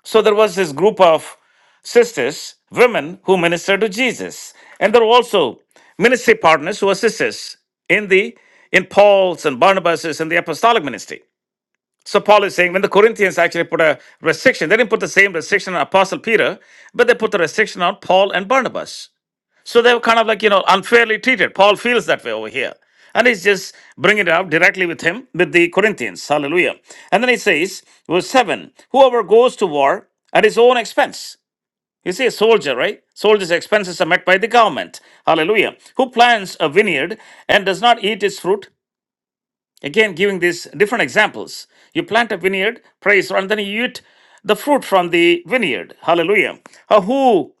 So there was this group of sisters, women who ministered to Jesus, and there were also ministry partners who were sisters in the in Paul's and Barnabas's and the apostolic ministry. So Paul is saying when the Corinthians actually put a restriction, they didn't put the same restriction on Apostle Peter, but they put the restriction on Paul and Barnabas. So they were kind of like, you know, unfairly treated. Paul feels that way over here. And he's just bringing it up directly with him, with the Corinthians. Hallelujah. And then he says, verse 7 Whoever goes to war at his own expense. You see, a soldier, right? Soldiers' expenses are met by the government. Hallelujah. Who plants a vineyard and does not eat its fruit? Again, giving these different examples. You plant a vineyard, praise, the Lord, and then you eat the fruit from the vineyard. Hallelujah. Or who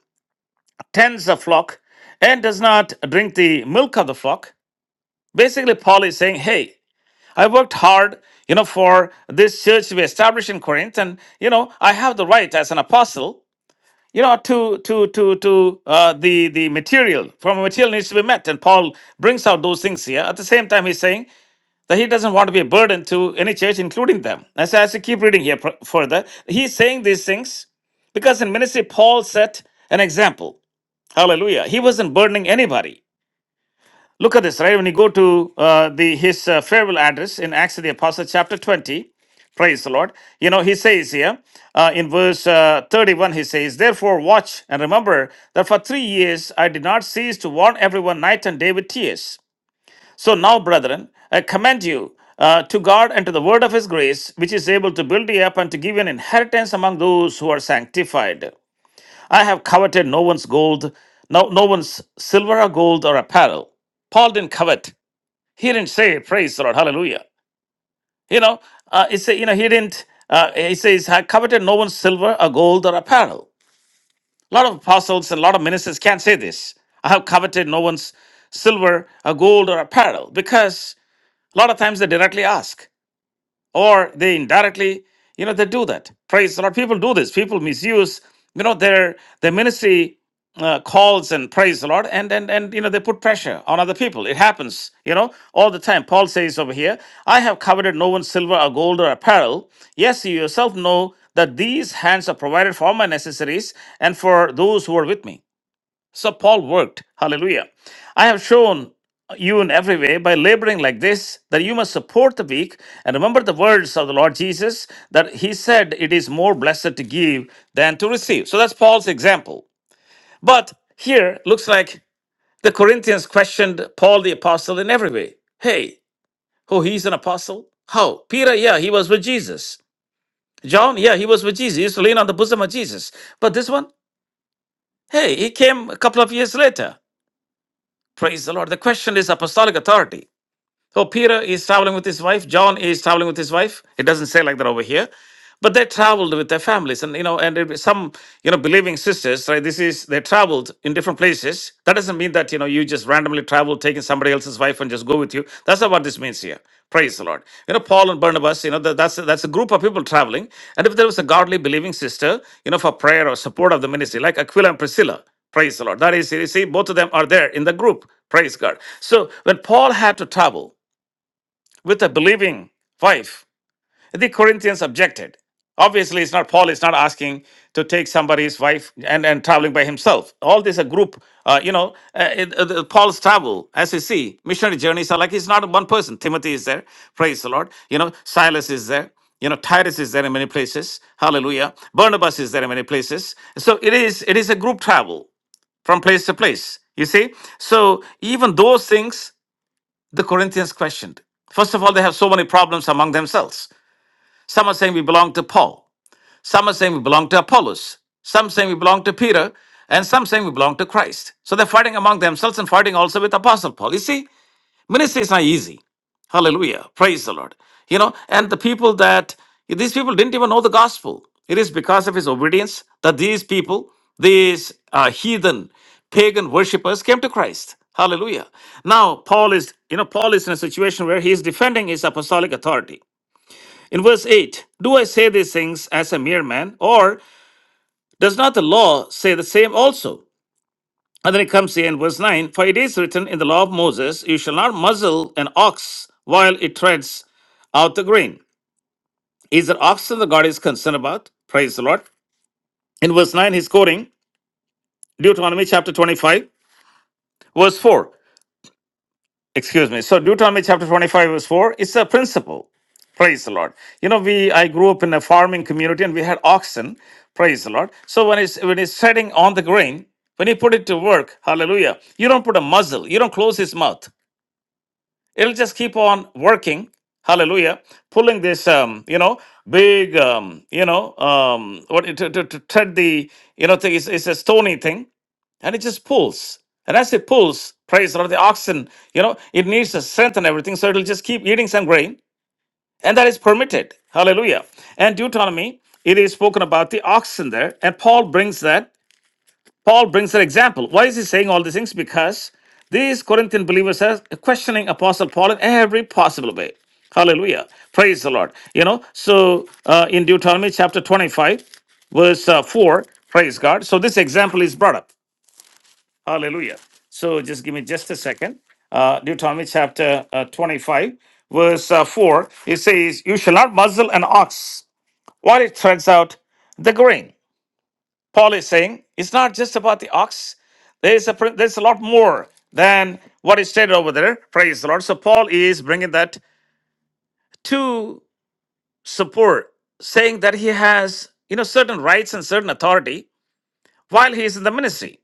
tends a flock and does not drink the milk of the flock? Basically, Paul is saying, hey, I worked hard, you know, for this church to be established in Corinth, and you know, I have the right as an apostle you know to to to to uh, the the material from material needs to be met and paul brings out those things here at the same time he's saying that he doesn't want to be a burden to any church, including them. As, I you keep reading here pr- further, he's saying these things because in ministry, Paul set an example. Hallelujah. He wasn't burdening anybody. Look at this, right? When you go to uh, the his uh, farewell address in Acts of the Apostle, chapter 20, praise the Lord. You know, he says here uh, in verse uh, 31, he says, Therefore, watch and remember that for three years I did not cease to warn everyone night and day with tears. So now, brethren, I commend you uh, to God and to the word of his grace, which is able to build you up and to give you an inheritance among those who are sanctified. I have coveted no one's gold, no, no one's silver or gold or apparel. Paul didn't covet. He didn't say, praise the Lord, hallelujah. You know, uh, it's, you know, he didn't, uh, he says, I coveted no one's silver or gold or apparel. A lot of apostles and a lot of ministers can't say this. I have coveted no one's silver or gold or apparel because a lot of times they directly ask, or they indirectly, you know, they do that. Praise the Lord. People do this. People misuse, you know, their their ministry uh, calls and praise the Lord, and and and you know, they put pressure on other people. It happens, you know, all the time. Paul says over here, "I have coveted no one's silver or gold or apparel. Yes, you yourself know that these hands are provided for my necessaries and for those who are with me." So Paul worked. Hallelujah. I have shown you in every way by laboring like this that you must support the weak and remember the words of the Lord Jesus that he said it is more blessed to give than to receive. So that's Paul's example. But here looks like the Corinthians questioned Paul the apostle in every way. Hey, oh, he's an apostle? How? Peter, yeah, he was with Jesus. John, yeah, he was with Jesus. He used to lean on the bosom of Jesus. But this one, hey, he came a couple of years later. Praise the Lord. The question is apostolic authority. So Peter is traveling with his wife. John is traveling with his wife. It doesn't say like that over here, but they traveled with their families, and you know, and it, some you know believing sisters, right? This is they traveled in different places. That doesn't mean that you know you just randomly travel, taking somebody else's wife and just go with you. That's not what this means here. Praise the Lord. You know, Paul and Barnabas. You know, that, that's that's a group of people traveling, and if there was a godly believing sister, you know, for prayer or support of the ministry, like Aquila and Priscilla. Praise the Lord. That is, you see, both of them are there in the group. Praise God. So when Paul had to travel with a believing wife. The Corinthians objected. Obviously, it's not Paul is not asking to take somebody's wife and, and traveling by himself. All this a group, uh, you know, uh, it- uh, Paul's travel, as you see, missionary journeys are like it's not one person. Timothy is there, praise the Lord. You know, Silas is there. You know, Titus is there in many places. Hallelujah. Barnabas is there in many places. So it is it is a group travel from place to place. You see? So even those things the Corinthians questioned. First of all, they have so many problems among themselves. Some are saying we belong to Paul, some are saying we belong to Apollos, some saying we belong to Peter, and some saying we belong to Christ. So they're fighting among themselves and fighting also with Apostle Paul. You see, Ministry is not easy. Hallelujah. Praise the Lord. You know, and the people that these people didn't even know the gospel. It is because of his obedience that these people, these uh, heathen, pagan worshippers came to Christ. Hallelujah. Now, Paul is, you know, Paul is in a situation where he is defending his apostolic authority. In verse 8, do I say these things as a mere man, or does not the law say the same also? And then it comes here in verse 9 For it is written in the law of Moses, you shall not muzzle an ox while it treads out the grain. Is there oxen that God is concerned about? Praise the Lord. In verse 9, he's quoting Deuteronomy chapter 25, verse 4. Excuse me. So, Deuteronomy chapter 25, verse 4, it's a principle. Praise the Lord. You know, we I grew up in a farming community and we had oxen. Praise the Lord. So when it's when it's treading on the grain, when you put it to work, hallelujah, you don't put a muzzle, you don't close his mouth. it'll just keep on working hallelujah pulling this um, you know big um, you know um, what to, to, to tread the you know thing it's, it's a stony thing and it just pulls and as it pulls praise the lord the oxen you know it needs the strength and everything so it'll just keep eating some grain and that is permitted hallelujah and deuteronomy it is spoken about the oxen there and paul brings that Paul brings an example. Why is he saying all these things? Because these Corinthian believers are questioning Apostle Paul in every possible way. Hallelujah. Praise the Lord. You know, so uh, in Deuteronomy chapter 25, verse uh, 4, praise God. So this example is brought up. Hallelujah. So just give me just a second. Uh, Deuteronomy chapter uh, 25, verse uh, 4, it says, You shall not muzzle an ox while it treads out the grain. Paul is saying it's not just about the ox. There's a pr- there's a lot more than what is stated over there. Praise the Lord. So Paul is bringing that to support, saying that he has you know certain rights and certain authority while he is in the ministry.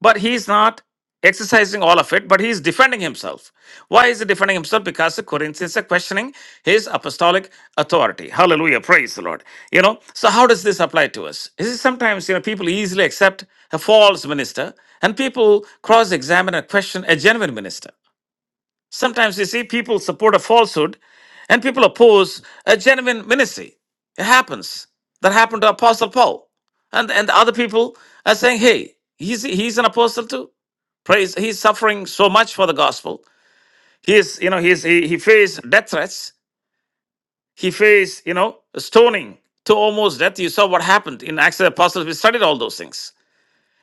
but he's not exercising all of it, but he's defending himself. Why is he defending himself? Because the Corinthians are questioning his apostolic authority. Hallelujah. Praise the Lord. You know, so how does this apply to us? Is it sometimes, you know, people easily accept a false minister and people cross examine and question a genuine minister? Sometimes you see people support a falsehood and people oppose a genuine ministry. It happens. That happened to Apostle Paul. And and other people are saying, hey, he's he's an apostle too. Praise he's suffering so much for the gospel. He is, you know, he's he, he faced death threats. He faced, you know, stoning to almost death. You saw what happened in Acts of the Apostles. We studied all those things.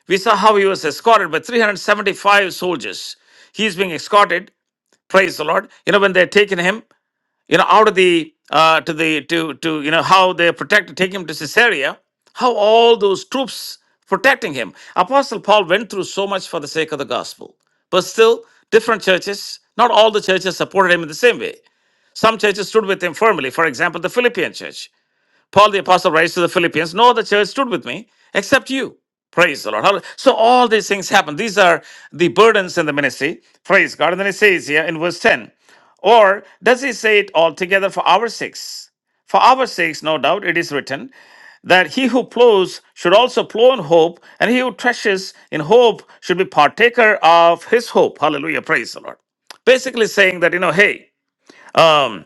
We saw how he was escorted by 375 soldiers. He's being escorted, praise the Lord. You know, when they're taking him you know out of the uh, to the to to you know how they protect take him to caesarea how all those troops protecting him apostle paul went through so much for the sake of the gospel but still different churches not all the churches supported him in the same way some churches stood with him firmly for example the philippian church Paul the apostle writes to the Philippians, No other church stood with me except you. Praise the Lord. Hallelujah. So all these things happen. These are the burdens in the ministry. Praise God. And then he says here in verse 10, or does he say it altogether for our sakes? For our sakes, no doubt, it is written that he who plows should also plow in hope, and he who threshes in hope should be partaker of his hope. Hallelujah. Praise the Lord. Basically saying that, you know, hey, um,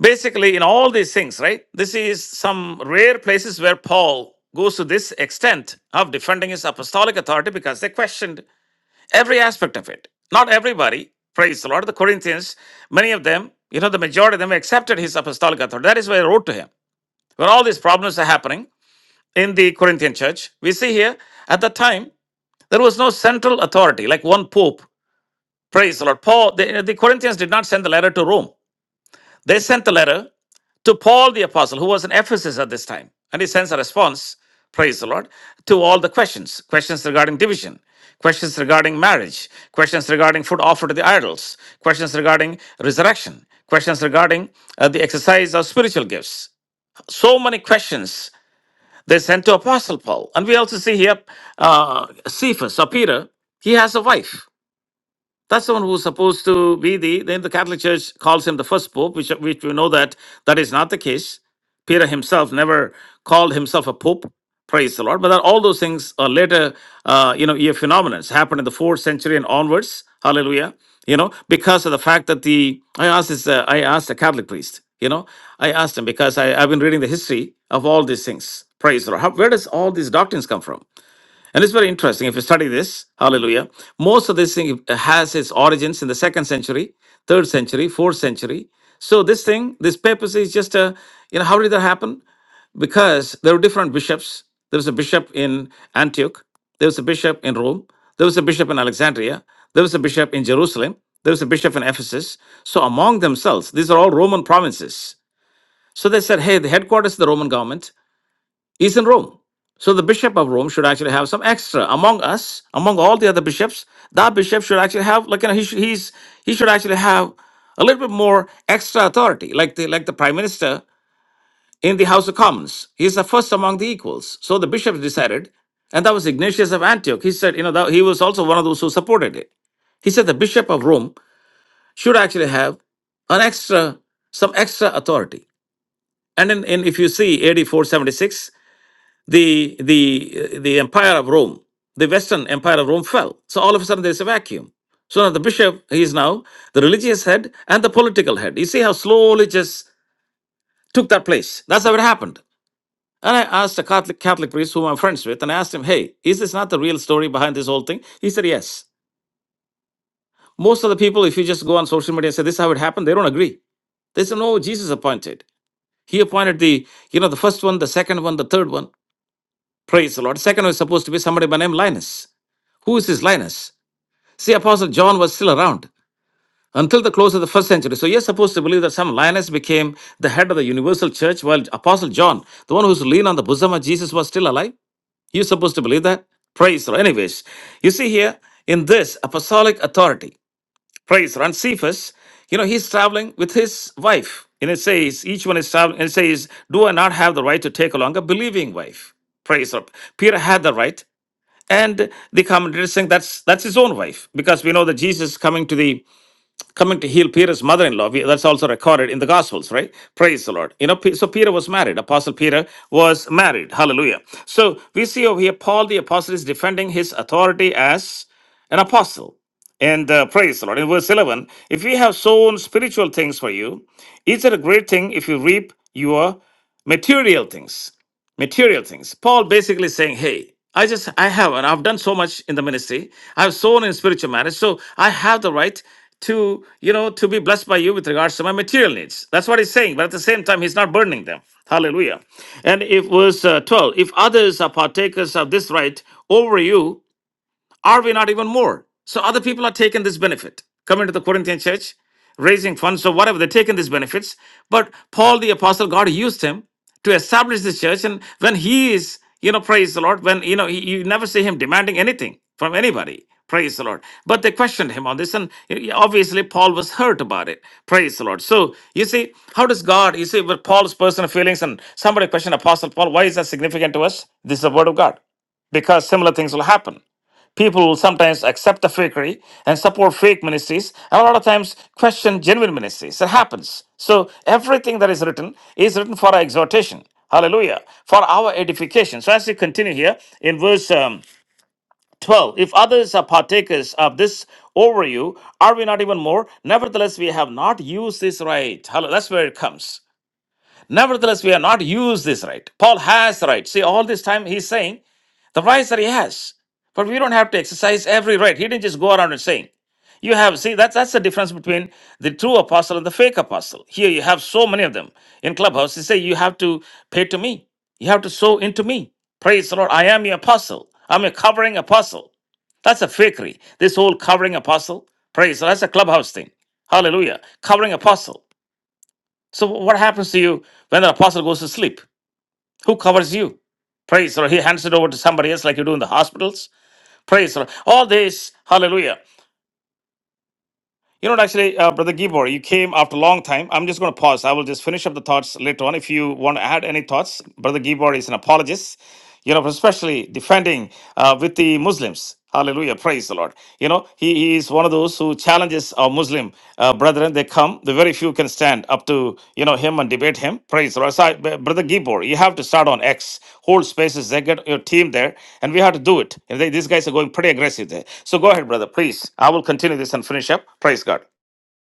Basically, in all these things, right? This is some rare places where Paul goes to this extent of defending his apostolic authority because they questioned every aspect of it. Not everybody, praise the Lord, the Corinthians, many of them, you know, the majority of them accepted his apostolic authority. That is why I wrote to him. When all these problems are happening in the Corinthian church, we see here at that time, there was no central authority, like one pope. Praise the Lord. Paul, the, the Corinthians did not send the letter to Rome. They sent the letter to Paul the apostle, who was in Ephesus at this time, and he sends a response, praise the Lord, to all the questions questions regarding division, questions regarding marriage, questions regarding food offered to the idols, questions regarding resurrection, questions regarding uh, the exercise of spiritual gifts. So many questions they sent to Apostle Paul. And we also see here uh, Cephas or Peter, he has a wife that's the one who's supposed to be the, then the Catholic Church calls him the first pope, which, which we know that that is not the case. Peter himself never called himself a pope, praise the Lord. But that, all those things are later, uh, you know, year phenomena happened in the fourth century and onwards, hallelujah, you know, because of the fact that the, I asked this, uh, I asked a Catholic priest, you know, I asked him because I, I've been reading the history of all these things, praise the Lord. How, where does all these doctrines come from? And it's very interesting if you study this. Hallelujah. Most of this thing has its origins in the second century, third century, fourth century. So this thing, this papacy is just a, you know, how did that happen? Because there were different bishops. There was a bishop in Antioch. There was a bishop in Rome. There was a bishop in Alexandria. There was a bishop in Jerusalem. There was a bishop in Ephesus. So among themselves, these are all Roman provinces. So they said, hey, the headquarters of the Roman government He's in Rome. So the bishop of Rome should actually have some extra among us, among all the other bishops. That bishop should actually have, like, you know, he should, he's, he should actually have a little bit more extra authority, like the, like the prime minister in the House of Commons. He's the first among the equals. So the bishops decided, and that was Ignatius of Antioch. He said, you know, that he was also one of those who supported it. He said the bishop of Rome should actually have an extra, some extra authority. And then in, if you see AD 476, the the uh, the empire of Rome, the Western empire of Rome fell. So all of a sudden there's a vacuum. So now the bishop, he is now the religious head and the political head. You see how slowly just took that place. That's how it happened. And I asked a Catholic Catholic priest whom I'm friends with, and I asked him, "Hey, is this not the real story behind this whole thing?" He said, "Yes." Most of the people, if you just go on social media and say this is how it happened, they don't agree. They say, "No, Jesus appointed. He appointed the you know the first one, the second one, the third one." Praise the Lord. Second was supposed to be somebody by name Linus. Who is this Linus? See, Apostle John was still around until the close of the first century. So you're supposed to believe that some Linus became the head of the universal church while Apostle John, the one who's lean on the bosom of Jesus, was still alive. You're supposed to believe that? Praise the Lord. Anyways, you see here in this apostolic authority, praise the Lord. And Cephas, you know, he's traveling with his wife. And it says, each one is traveling, and it says, Do I not have the right to take along a believing wife? Praise the Lord. Peter had the right. And the commentator is saying that's that's his own wife because we know that Jesus is coming to the coming to heal Peter's mother-in-law. We- That's also recorded in the Gospels, right? Praise the Lord. You know, Pe- so Peter was married. Apostle Peter was married. Hallelujah. So we see over here Paul the apostle is defending his authority as an apostle. And uh, praise the Lord. In verse 11, if we have sown spiritual things for you, is it a great thing if you reap your material things? material things. Paul basically saying, hey, I just, I have, and I've done so much in the ministry. I've sown in spiritual matters, so I have the right to, you know, to be blessed by you with regards to my material needs. That's what he's saying. But at the same time, he's not burdening them. Hallelujah. And if verse uh, 12, if others are partakers of this right over you, are we not even more? So other people are taking this benefit. Coming to the Corinthian church, raising funds or whatever, they're taking these benefits. But Paul the apostle, God used him to establish this church. And when he is, you know, praise the Lord, when, you know, he, you never see him demanding anything from anybody. Praise the Lord. But they questioned him on this, and eh, obviously Paul was hurt about it. Praise the Lord. So you see, how does God, you see, with Paul's personal feelings, and somebody questioned Apostle Paul, why is that significant to us? This is the word of God because similar things will happen. People sometimes accept the fakery and support fake ministries, and a lot of times question genuine ministries. It happens. So everything that is written is written for our exhortation. Hallelujah. For our edification. So as we continue here in verse um, 12, if others are partakers of this over you, are we not even more? Nevertheless, we have not used this right. Hello, that's where it comes. Nevertheless, we are not used this right. Paul has right. See, all this time he's saying the rights that he has. But we don't have to exercise every right. He didn't just go around and saying, you have, see, that's, that's the difference between the true apostle and the fake apostle. Here you have so many of them in Clubhouse. They say, you have to pay to me. You have to sow into me. Praise the Lord. I am your apostle. I'm a covering apostle. That's a fakery. This whole covering apostle. Praise. the Lord. That's a Clubhouse thing. Hallelujah. Covering apostle. So what happens to you when the apostle goes to sleep? Who covers you? Praise. the Lord. he hands it over to somebody else like you do in the hospitals. Praise the Lord. All this, hallelujah. You know what, actually, uh, Brother Gibor, you came after a long time. I'm just going to pause. I will just finish up the thoughts later on. If you want to add any thoughts, Brother Gibor is an apologist you know, especially defending uh, with the Muslims. Hallelujah. Praise the Lord. You know, he, he is one of those who challenges our Muslim uh, brethren. They come, the very few can stand up to, you know, him and debate him. Praise the Lord. So, I- Brother Gibor, you have to start on X, hold spaces, they get your team there, and we have to do it. And they, these guys are going pretty aggressive there. So go ahead, brother, please. I will continue this and finish up. Praise God.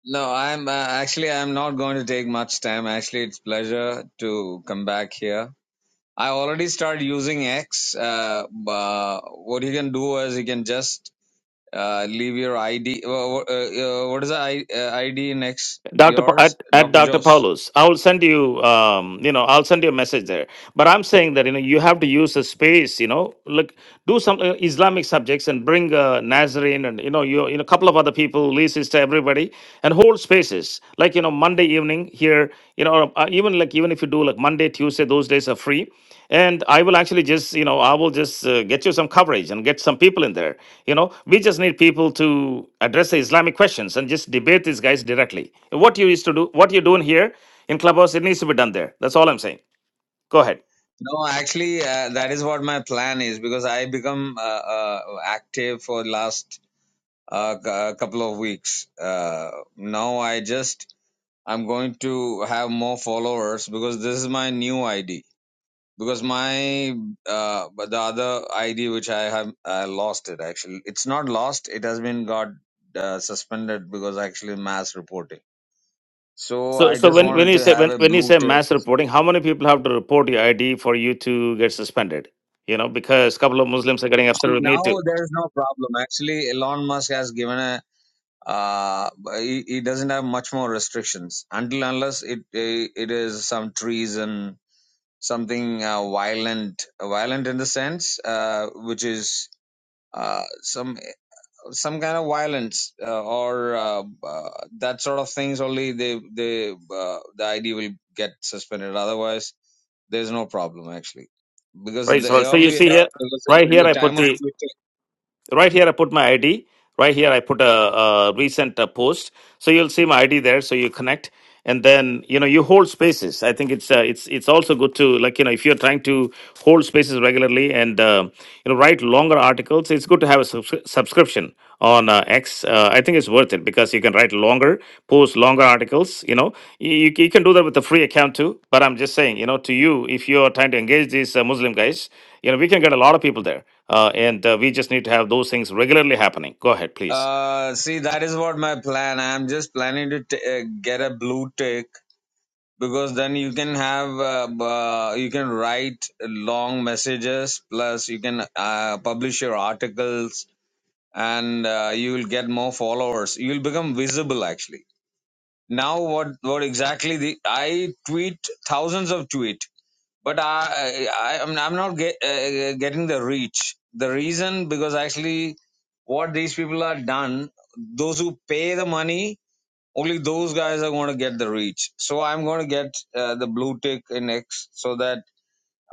No, I'm uh, actually I'm not going to take much time. Actually, it's pleasure to come back here. I already started using X. Uh, uh, what you can do is you can just uh, leave your ID. Uh, uh, uh, what is the I, uh, ID in X?
Dr. Pa-
Yours,
at, at
Doctor
Dr.
Jos.
Paulus, I will send you, um, you know, I'll send you a message there. But I'm saying that you know you have to use a space. You know, look, do some uh, Islamic subjects and bring uh, Nazarene and you know you, you know a couple of other people, Lee sister, everybody, and hold spaces like you know Monday evening here. You know, or, uh, even like even if you do like Monday, Tuesday, those days are free. And I will actually just you know I will just uh, get you some coverage and get some people in there. You know, we just need people to address the Islamic questions and just debate these guys directly. What you used to do, what you're doing here in Clubhouse, it needs to be done there. That's all I'm saying. Go ahead.
No, actually, uh, that is what my plan is because I become uh, uh, active for last uh, cou- couple of weeks. Uh, now I just I'm going to have more followers because this is my new ID. Because my uh, but the other ID which I have I lost it actually. It's not lost. It has been got uh, suspended because actually mass reporting. So
So,
I
so
just
when, when
wanted
you
to
say
have
when,
a
when you
blue
say
tick.
mass reporting, how many people have to report your ID for you to get suspended? You know, because a couple of Muslims are getting upset
See,
with me
Now
too.
there is no problem. Actually, Elon Musk has given a uh he, he doesn't have much more restrictions until unless it it is some treason something uh, violent violent in the sense uh, which is uh, some some kind of violence uh, or uh, uh, that sort of things only they they uh, the id will get suspended otherwise there's no problem actually because
Right.
the
So, so you
earlier
see here,
because
right here,
the
I put
time of
the
twitter
right here i put my id right here i put a, a recent uh, post so you'll see my id there so you connect and then you know you hold spaces i think it's uh, it's it's also good to like you know if you're trying to hold spaces regularly and uh, you know write longer articles it's good to have a subs- subscription on uh, x uh, i think it's worth it because you can write longer post longer articles you know you, you can do that with a free account too but i'm just saying you know to you if you're trying to engage these uh, muslim guys you know we can get a lot of people there uh, and uh, we just need to have those things regularly happening. Go ahead, please.
uh see that is what my plan i'm just planning to t- uh, get a blue tick because then you can have uh, uh, you can write long messages plus you can uh, publish your articles and uh, you will get more followers you will become visible actually now what what exactly the i tweet thousands of tweet but i i i'm, I'm not get, uh, getting the reach the reason because actually what these people are done those who pay the money only those guys are going to get the reach. So I'm going to get uh, the blue tick in X so that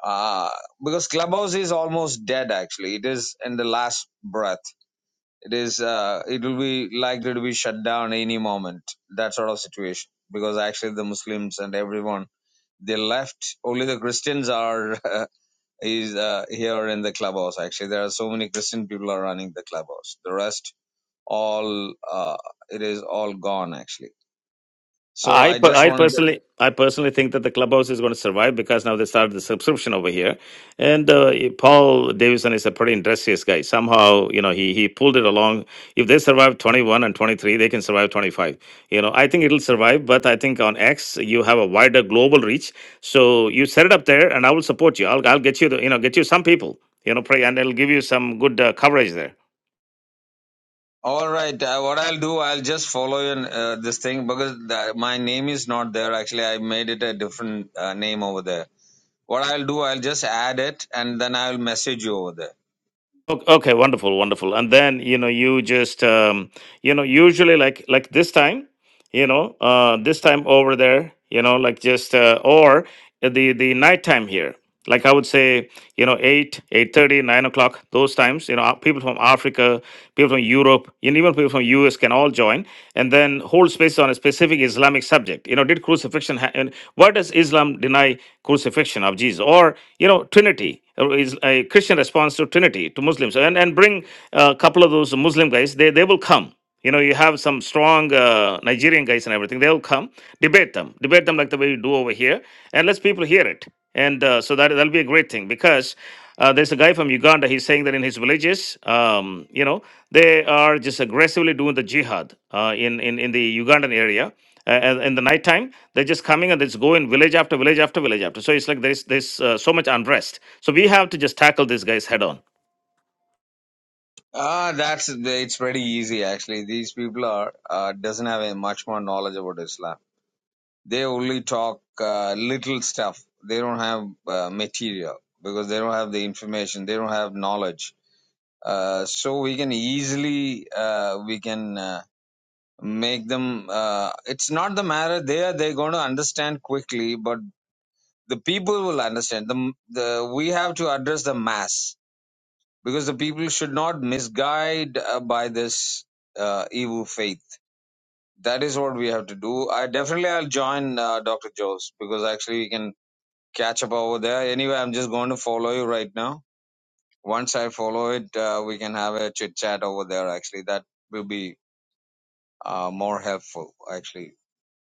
uh, because Clubhouse is almost dead. Actually, it is in the last breath. It is. Uh, it will be likely to be shut down any moment. That sort of situation because actually the Muslims and everyone they left. Only the Christians are is uh, here in the clubhouse. Actually, there are so many Christian people are running the clubhouse. The rest all uh, it is all gone actually. So
I
I
per-
just
I
wanted
personally I personally think that the clubhouse is going to survive because now they started the subscription over here, and uh, Paul Davison is a pretty industrious guy. Somehow you know he he pulled it along. If they survive twenty one and twenty three, they can survive twenty five. You know I think it'll survive, but I think on X you have a wider global reach. So you set it up there, and I will support you. I'll I'll get you the, you know get you some people you know pray, and it'll give you some good uh, coverage there.
All right. Uh, what I'll do, I'll just follow in uh, this thing because the, my name is not there. Actually, I made it a different uh, name over there. What I'll do, I'll just add it and then I'll message you over there.
Ok- Okay, wonderful, wonderful. And then, you know, you just, um, you know, usually like like this time, you know, uh, this time over there, you know, like just uh, or the the nighttime here. Like I would say, you know, eight, eight thirty, nine o'clock, those times. You know, uh, people from Africa, people from Europe, and even people from US can all join, and then hold space on a specific Islamic subject. You know, did crucifixion? Ha- and why does Islam deny crucifixion of Jesus? Or you know trinity uh, is a christian response to trinity to muslims and and bring uh, a couple of those muslim guys they they will come you know you have some strong uh, nigerian guys and everything they'll come debate them debate them like the way you do over here and let's people hear it and uh, so that that'll be a great thing because uh, there's a guy from Uganda. He's saying that in his villages, um, you know, they are just aggressively doing the jihad uh, in, in in the Ugandan area uh, in the nighttime they're just coming and they just go in village after village after village after. So it's like there's there's uh, so much unrest. So we have to just tackle these guys head on.
Ah, that's it's pretty easy actually. These people are uh, doesn't have a much more knowledge about Islam. They only talk uh, little stuff. They don't have uh, material because they don't have the information. They don't have knowledge. Uh, so we can easily uh, we can. Uh, make them uh, it's not the matter they are they're going to understand quickly but the people will understand them. the we have to address the mass because the people should not misguide uh, by this uh, evil faith that is what we have to do i definitely i'll join uh, dr jones because actually we can catch up over there anyway i'm just going to follow you right now once i follow it uh, we can have a chit chat over there actually that will be uh, more helpful actually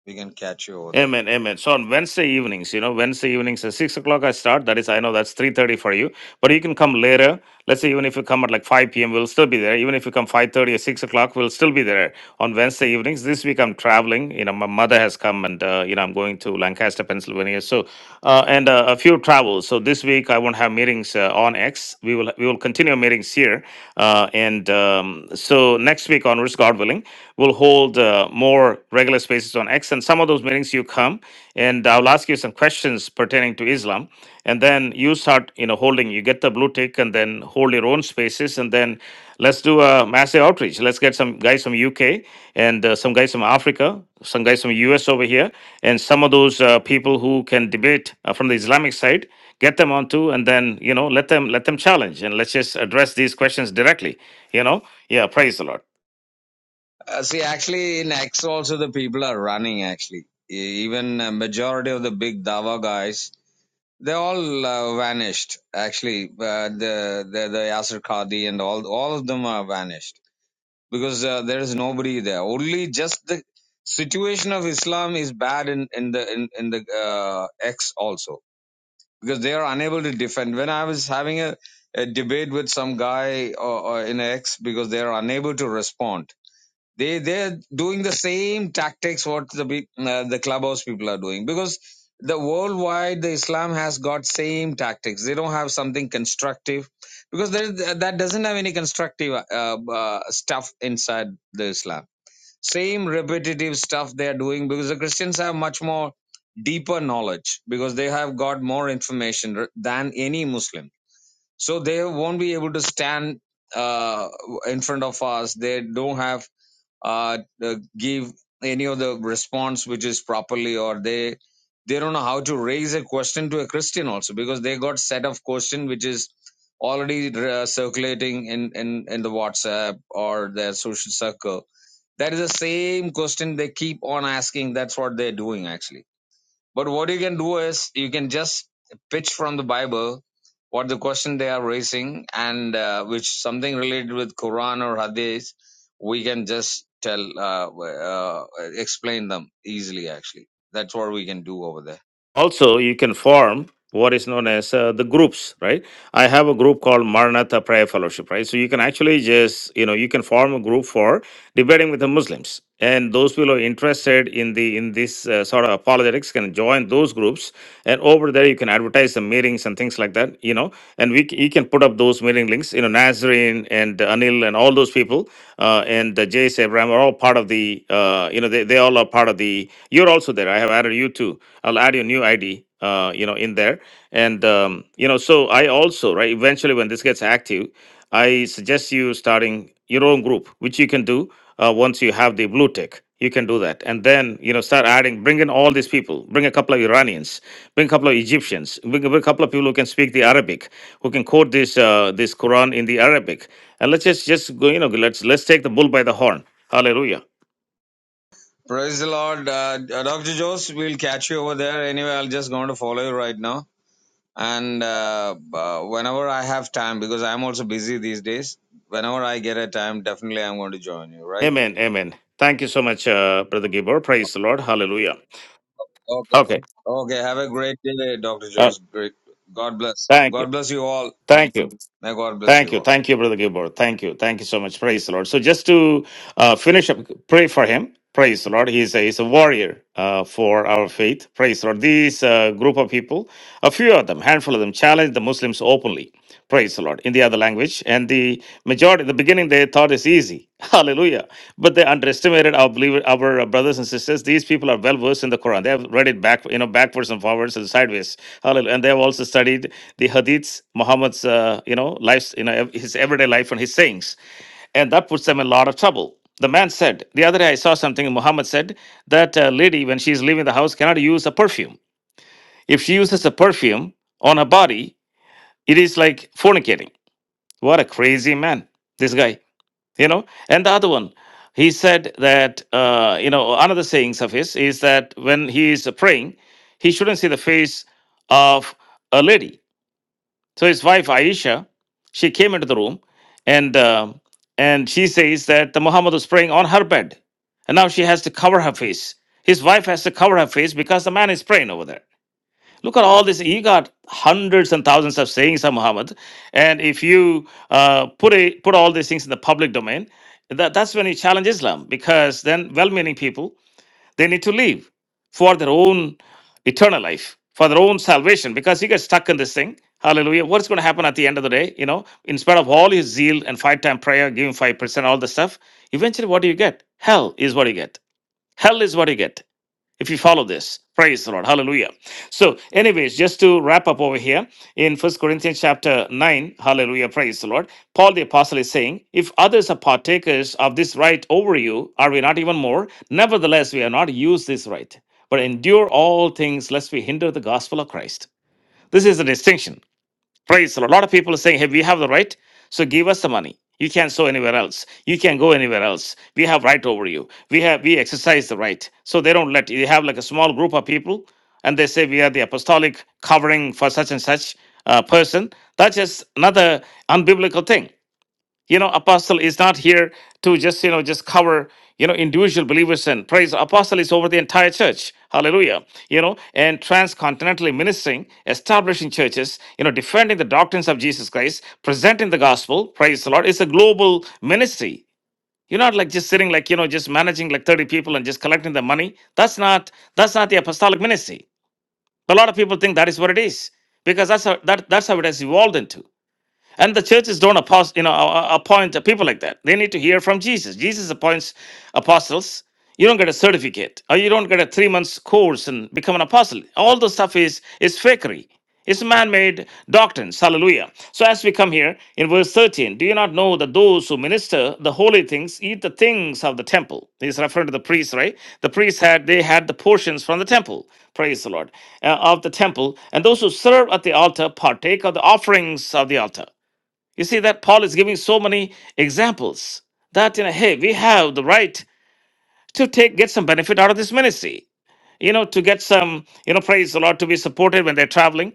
we can catch you over there
Amen, amen. So on Wednesday evenings, you know, Wednesday evenings at six o'clock I start. That is, I know that's three thirty for you, but you can come later. Let's say even if you come at like five p.m., we'll still be there. Even if you come five thirty or six o'clock, we'll still be there. on Wednesday evenings. This week I'm traveling. You know, my mother has come, and uh, you know I'm going to Lancaster, Pennsylvania. So, uh, and uh, a few travels. So this week I won't have meetings uh, on X. We will we will continue meetings here, uh, and um, so next week onwards, God willing, we'll hold uh, more regular spaces on X. And some of those meetings you come, and I'll ask you some questions pertaining to Islam, and then you start you know holding. You get the blue tick, and then hold your own spaces, and then let's do a massive outreach. Let's get some guys from UK and uh, some guys from Africa, some guys from US over here, and some of those uh, people who can debate uh, from the Islamic side, get them onto, and then you know let them let them challenge, and let's just address these questions directly. You know, yeah, praise the Lord.
Uh, see, actually, in X also the people are running. Actually, E- even uh, majority of the big dawa guys, they all uh, vanished. Actually, uh, the the the Yasser Qadi and all all of them are vanished because uh, there is nobody there. Only just the situation of Islam is bad in in the in in the uh, X also because they are unable to defend. When I was having a, a debate with some guy or, or in X because they are unable to respond they they're doing the same tactics what the big- uh, the clubhouse people are doing because the worldwide the islam has got same tactics they don't have something constructive because there, that doesn't have any constructive uh, uh, stuff inside the islam same repetitive stuff they are doing because the christians have much more deeper knowledge because they have got more information r- than any muslim so they won't be able to stand uh, in front of us they don't have uh, uh, give any of the response which is properly or they they don't know how to raise a question to a christian also because they got set of question which is already uh, circulating in, in in the whatsapp or their social circle that is the same question they keep on asking that's what they're doing actually but what you can do is you can just pitch from the Bible what the question they are raising and uh, which something related with Quran or Hadith, we can just tell, uh, uh, explain them easily actually. That's what we can do over there.
also you can form what is known as uh, the groups right i have a group called maranatha prayer fellowship right so you can actually just you know you can form a group for debating with the muslims and those people who are interested in the in this uh, sort of apologetics can join those groups and over there you can advertise the meetings and things like that you know and we c- you can put up those meeting links you know nazarene and anil and all those people uh, and uh, jay abraham are all part of the uh, you know they, they all are part of the you're also there i have added you too I'll add your new ID, uh, you know, in there. And, um, you know, so I also, right, eventually when this gets active, I suggest you starting your own group, which you can do uh, once you have the blue tick. You can do that. And then, you know, start adding, bring in all these people, bring a couple of Iranians, bring a couple of Egyptians, bring, bring a couple of people who can speak the Arabic, who can quote this, uh, this Quran in the Arabic. And let's just, just go, you know, let's, let's take the bull by the horn. Hallelujah.
Praise the Lord. Uh, Dr. Jose, we'll catch you over there. Anyway, I'll just going to follow you right now. And uh, uh, whenever I have time, because I'm also busy these days, whenever I get a time, definitely I'm going to join you, right?
Amen. Amen. Thank you so much, uh, Brother Gibor. Praise the Lord. Hallelujah.
okay.
Okay.
Okay, have a great day, Dr.
Uh,
Jose. Great. God bless.
thank you.
God bless you all.
Thank you.
May God bless
Thank
you
you.
all.
Thank you, Brother
Thank you.
Gilbert. Thank you. Thank you so much. Praise the Lord. So just to uh, finish up, pray for him. Praise the Lord. He's a, he's a warrior uh, for our faith. Praise the Lord. These uh, group of people, a few of them, handful of them, challenged the Muslims openly. Praise the Lord. In the other language. And the majority, at the beginning, they thought it's easy. Hallelujah. But they underestimated our believer, our brothers and sisters. These people are well versed in the Quran. They have read it back, you know, backwards and forwards and sideways. Hallelujah. And they have also studied the hadiths, Muhammad's uh, you know life, you know ev- his everyday life and his sayings, and that puts them in a lot of trouble. The man said the other day I saw something. Muhammad said that uh, lady when she is leaving the house cannot use a perfume. If she uses a perfume on her body, it is like fornicating. What a crazy man, this guy, you know. And the other one, he said that uh, you know another sayings of his is that when he is praying, he shouldn't see the face of a lady so his wife Aisha, she came into the room, and um and she says that the Muhammad was praying on her bed, and now she has to cover her face. His wife has to cover her face because the man is praying over there. Look at all this. You got hundreds and thousands of sayings of Muhammad, and if you uh, put a, put all these things in the public domain, that, that's when you challenge Islam because then well-meaning people they need to leave for their own eternal life, for their own salvation, because you get stuck in this thing. Hallelujah. What's going to happen at the end of the day? You know, in spite of all his zeal and five time prayer, giving 5%, all the stuff, eventually what do you get? Hell is what you get. Hell is what you get if you follow this praise the lord hallelujah so anyways just to wrap up over here in first corinthians chapter 9 hallelujah praise the lord paul the apostle is saying if others are partakers of this right over you are we not even more nevertheless we are not used this right but endure all things lest we hinder the gospel of christ this is the distinction Praise the Lord. A lot of people are saying, hey, we have the right, so give us the money. You can't sow anywhere else. You can't go anywhere else. We have right over you. We have we exercise the right. So they don't let you You have like a small group of people and they say we are the apostolic covering for such and such uh, person. That's just another unbiblical thing you know apostle is not here to just you know just cover you know individual believers and praise apostle is over the entire church hallelujah you know and transcontinentally ministering establishing churches you know defending the doctrines of jesus christ presenting the gospel praise the lord it's a global ministry you're not like just sitting like you know just managing like 30 people and just collecting the money that's not that's not the apostolic ministry a lot of people think that is what it is because that's how that, that's how it has evolved into and the churches don't apost- you know, a- a- appoint people like that. They need to hear from Jesus. Jesus appoints apostles. You don't get a certificate, or you don't get a three months course and become an apostle. All the stuff is is fakery. It's man-made doctrines. Hallelujah. So as we come here in verse 13, do you not know that those who minister the holy things eat the things of the temple? He's referring to the priests, right? The priests had they had the portions from the temple. Praise the Lord. uh, of the temple, and those who serve at the altar partake of the offerings of the altar. You see that Paul is giving so many examples that you know, hey, we have the right to take get some benefit out of this ministry. You know, to get some, you know, praise the Lord, to be supported when they're traveling,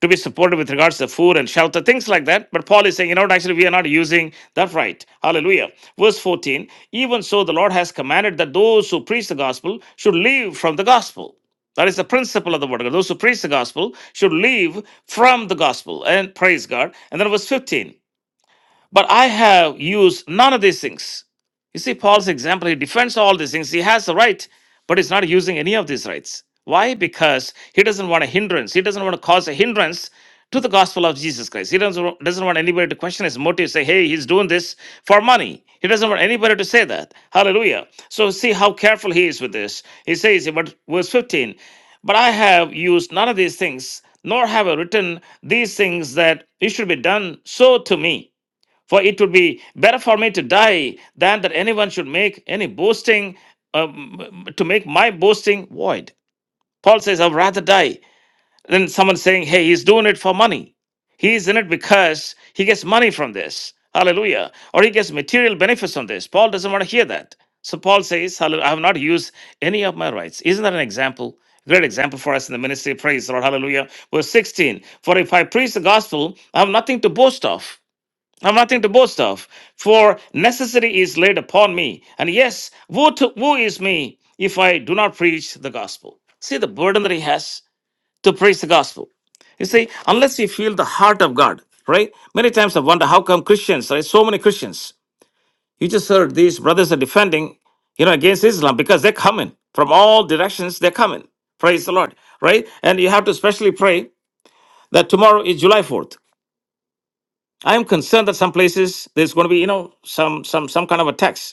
to be supported with regards to food and shelter, things like that. But Paul is saying, you know, what, actually, we are not using that right. Hallelujah. Verse 14 Even so, the Lord has commanded that those who preach the gospel should leave from the gospel. That is the principle of the word of God. Those who preach the gospel should leave from the gospel and praise God. And then verse 15. But I have used none of these things. You see, Paul's example, he defends all these things. He has the right, but he's not using any of these rights. Why? Because he doesn't want a hindrance. He doesn't want to cause a hindrance to the gospel of Jesus Christ. He doesn't, doesn't want anybody to question his motive, say, hey, he's doing this for money. He doesn't want anybody to say that. Hallelujah. So see how careful he is with this. He says, but verse 15, but I have used none of these things, nor have I written these things that it should be done so to me. For it would be better for me to die than that anyone should make any boasting, um, to make my boasting void. Paul says, I'd rather die than someone saying, hey, he's doing it for money. He's in it because he gets money from this. Hallelujah. Or he gets material benefits from this. Paul doesn't want to hear that. So Paul says, "Hallelujah, I have not used any of my rights. Isn't that an example? Great example for us in the ministry. Praise the Lord. Hallelujah. Verse 16 For if I preach the gospel, I have nothing to boast of I'm nothing to boast of, for necessity is laid upon me. And yes, woe, to, woe is me if I do not preach the gospel. See the burden that he has to preach the gospel. You see, unless you feel the heart of God, right? Many times I wonder how come Christians, right? So many Christians. You just heard these brothers are defending, you know, against Islam because they're coming from all directions. They're coming. Praise the Lord, right? And you have to especially pray that tomorrow is July 4th. I'm concerned that some places there's going to be, you know, some some some kind of attacks.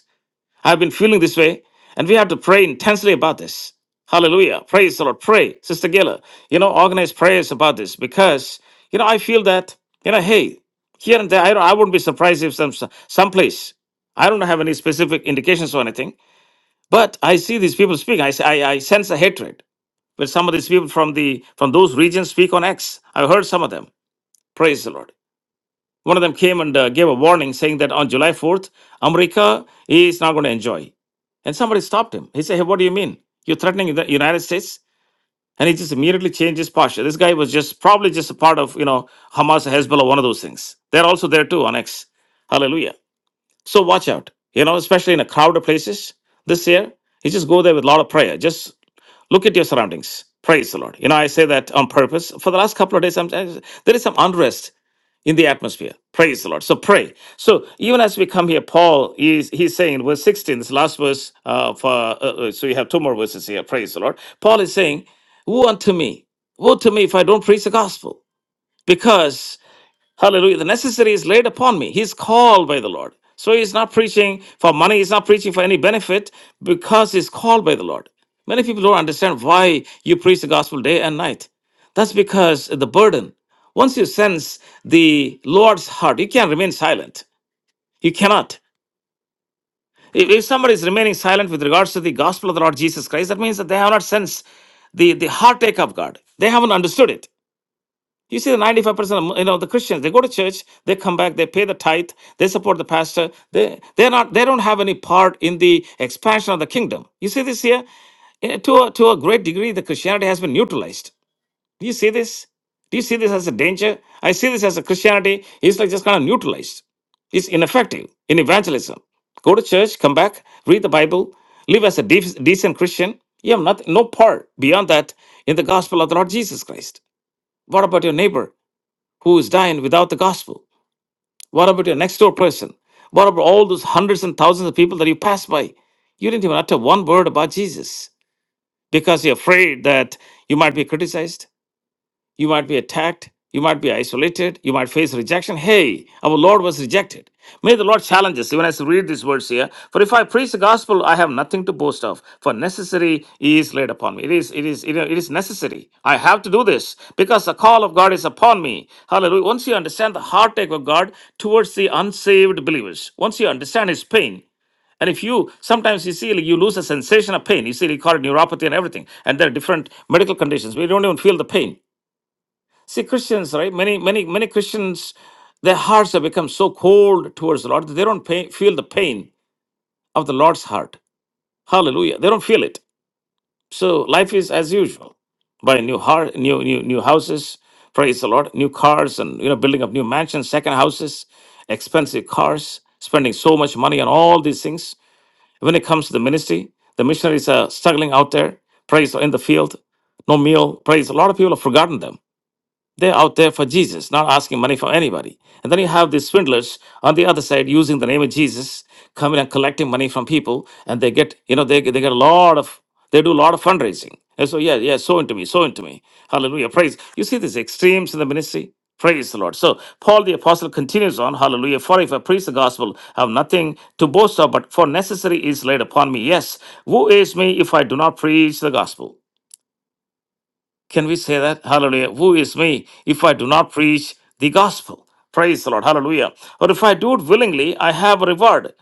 I've been feeling this way, and we have to pray intensely about this. Hallelujah! Praise the Lord. Pray, Sister Gayla. You know, organize prayers about this because you know I feel that you know, hey, here and there. I don't, I wouldn't be surprised if some some place. I don't have any specific indications or anything, but I see these people speaking. I, s- I I sense a hatred when some of these people from the from those regions speak on X. I heard some of them. Praise the Lord. One of them came and uh, gave a warning saying that on July 4th, America is not going to enjoy. And somebody stopped him. He said, Hey, what do you mean? You're threatening the United States? And he just immediately changed his posture. This guy was just probably just a part of, you know, Hamas, Hezbollah, one of those things. They're also there too on X. Hallelujah. So watch out, you know, especially in a crowded places this year. You just go there with a lot of prayer. Just look at your surroundings. Praise the Lord. You know, I say that on purpose. For the last couple of days, I'm, uh, there is some unrest in the atmosphere. Praise the Lord. So pray. So even as we come here, Paul is he's saying in verse 16, this last verse uh, for uh, uh, so you have two more verses here. Praise the Lord. Paul is saying, "Woe unto me! Woe to me if I don't preach the gospel, because." Hallelujah. The necessary is laid upon me. He's called by the Lord. So he's not preaching for money, he's not preaching for any benefit because he's called by the Lord. Many people don't understand why you preach the gospel day and night. That's because the burden. Once you sense the Lord's heart, you can't remain silent. You cannot. If, if somebody is remaining silent with regards to the gospel of the Lord Jesus Christ, that means that they have not sensed the, the heartache of God. They haven't understood it. You see, the 95%, of, you know, the Christians, they go to church, they come back, they pay the tithe, they support the pastor. They they're not they don't have any part in the expansion of the kingdom. You see this here? Eh, To a, to a great degree, the Christianity has been neutralized. Do you see this? Do you see this as a danger? I see this as a Christianity is like just kind of neutralized. It's ineffective in evangelism. Go to church, come back, read the Bible, live as a def- decent Christian. You have nothing, no part beyond that in the gospel of the Lord Jesus Christ. What about your neighbor? who is dying without the gospel? What about your next door person? What about all those hundreds and thousands of people that you pass by? You didn't even utter one word about Jesus because you're afraid that you might be criticized. You might be attacked. You might be isolated. You might face rejection. Hey, our Lord was rejected. May the Lord challenge us, even as we read these words here. For if I preach the gospel, I have nothing to boast of. For necessary is laid upon me. It is, it is, you it is necessary. I have to do this because the call of God is upon me. Hallelujah. Once you understand the heartache of God towards the unsaved believers, once you understand his pain, and if you sometimes you see like you lose a sensation of pain, you see you call it neuropathy and everything, and there are different medical conditions. We don't even feel the pain. See, Christians, right? Many, many, many Christians, their hearts have become so cold towards the Lord that they don't pay, feel the pain of the Lord's heart. Hallelujah! They don't feel it. So life is as usual. Buying new heart, new new new houses. Praise the Lord! New cars and you know building up new mansions, second houses, expensive cars, spending so much money on all these things. When it comes to the ministry, the missionaries are struggling out there. Praise the- in the field, no meal. Praise. A lot of people have forgotten them they're out there for Jesus, not asking money from anybody. And then you have these swindlers on the other side using the name of Jesus, coming and collecting money from people, and they get, you know, they, get- they get a lot of, they do a lot of fundraising. And so, yeah, yeah, so into me, so into me. Hallelujah. Praise. You see these extremes in the ministry? Praise the Lord. So, Paul the Apostle continues on, Hallelujah. For if I preach the gospel, I have nothing to boast of, but for necessary is laid upon me. Yes, who is me if I do not preach the gospel? Can we say that? Hallelujah. Who is me if I do not preach the gospel? Praise the Lord. Hallelujah. Or if I do it willingly, I have a reward.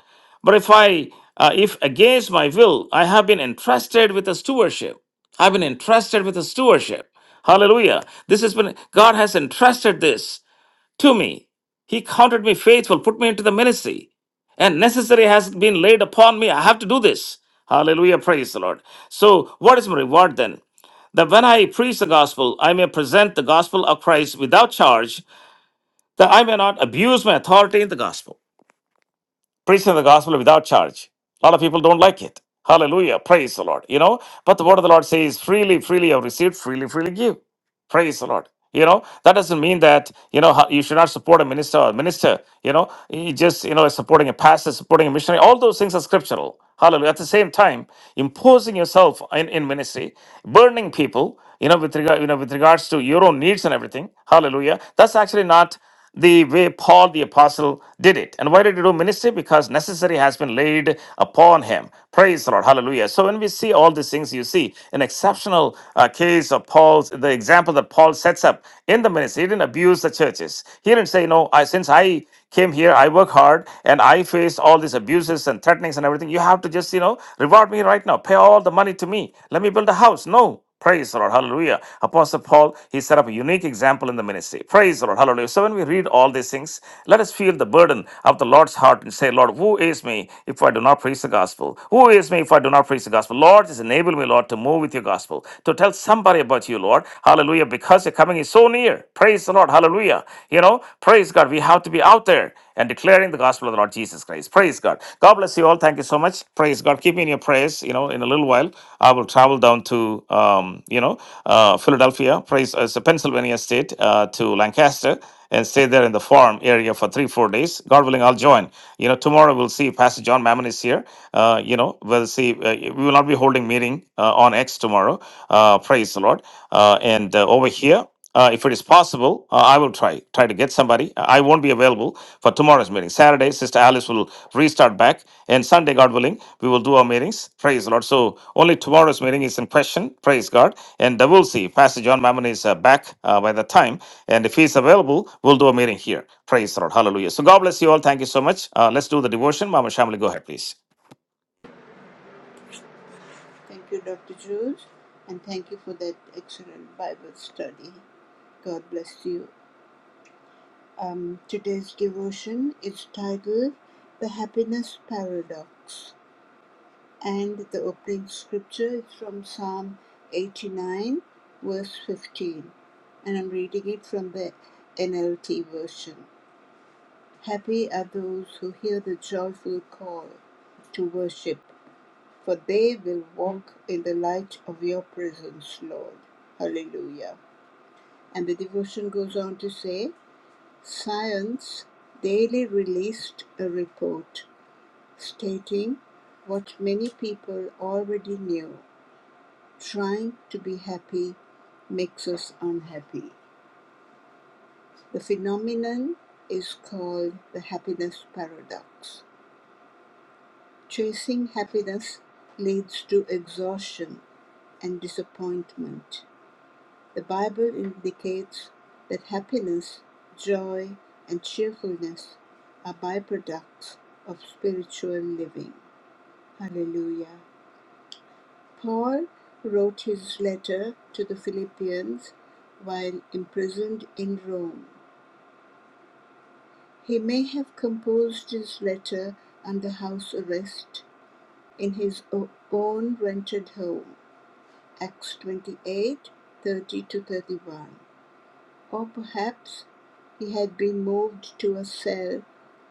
But if I, uh, if against my will, I have been entrusted with a stewardship. I've been entrusted with a stewardship. Hallelujah. This has been, God has entrusted this to me. He counted me faithful, put me into the ministry, and necessary has been laid upon me. I have to do this. Hallelujah. Praise the Lord. So, what is my reward then? That when I preach the gospel, I may present the gospel of Christ without charge, that I may not abuse my authority in the gospel preaching the gospel without charge. A lot of people don't like it. Hallelujah. Praise the Lord. You know, but the word of the Lord says, freely, freely have received, freely, freely give. Praise the Lord. You know, that doesn't mean that, you know, ho- you should not support a minister or a minister. You know, you just, you know, supporting a pastor, supporting a missionary. All those things are scriptural. Hallelujah. At the same time, imposing yourself in, in ministry, burning people, you know, with regard, you know, with regards to your own needs and everything. Hallelujah. That's actually not the way Paul the apostle did it. And why did he do ministry? Because necessary has been laid upon him. Praise the Lord. Hallelujah. So when we see all these things, you see an exceptional uh, case of Paul's, the example that Paul sets up in the ministry. He didn't abuse the churches. He didn't say, no, I, since I came here, I work hard and I face all these abuses and threatenings and everything. You have to just, you know, reward me right now. Pay all the money to me. Let me build a house. No. Praise the Lord. Hallelujah. Apostle Paul, he set up a unique example in the ministry. Praise the Lord. Hallelujah. So when we read all these things, let us feel the burden of the Lord's heart and say, Lord, who is me if I do not preach the gospel? Who is me if I do not preach the gospel? Lord, just enable me, Lord, to move with your gospel, to tell somebody about you, Lord. Hallelujah. Because your coming is so near. Praise the Lord. Hallelujah. You know, praise God. We have to be out there and declaring the gospel of the Lord Jesus Christ. Praise God. God bless you all. Thank you so much. Praise God. Keep me in your prayers. You know, in a little while, I will travel down to, um, you know, uh, Philadelphia, praise, uh, it's a Pennsylvania state, uh, to Lancaster and stay there in the farm area for three, four days. God willing, I'll join. You know, tomorrow we'll see. Pastor John Mammon is here. Uh, you know, we'll see. Uh, we will not be holding meeting uh, on X tomorrow. Uh, praise the Lord. Uh, and uh, over here, uh, if it is possible, uh, I will try try to get somebody. I won't be available, for tomorrow's meeting. Saturday, Sister Alice will restart back, and Sunday, God willing, we will do our meetings. Praise the Lord. So only tomorrow's meeting is in question. Praise God. And uh, we'll see. Pastor John Mammon is uh, back uh, by the time, and if he's available, we'll do a meeting here. Praise the Lord. Hallelujah. So God bless you all. Thank you so much. Uh, let's do the devotion. Mama Shamali, go ahead, please.
Thank you, Dr. Jules, and thank you for that excellent Bible study. God bless you. Um, today's devotion is titled The Happiness Paradox, and the opening scripture is from Psalm 89, verse 15, and I'm reading it from the NLT version. Happy are those who hear the joyful call to worship for they will walk in the light of your presence, Lord. Hallelujah. And the devotion goes on to say Science daily released a report stating what many people already knew trying to be happy makes us unhappy. The phenomenon is called the happiness paradox. Chasing happiness leads to exhaustion and disappointment The Bible indicates that happiness, joy, and cheerfulness are byproducts of spiritual living. Hallelujah. Paul wrote his letter to the Philippians while imprisoned in Rome. He may have composed his letter under house arrest in his own rented home. Acts 28:30 to 31. Or perhaps he had been moved to a cell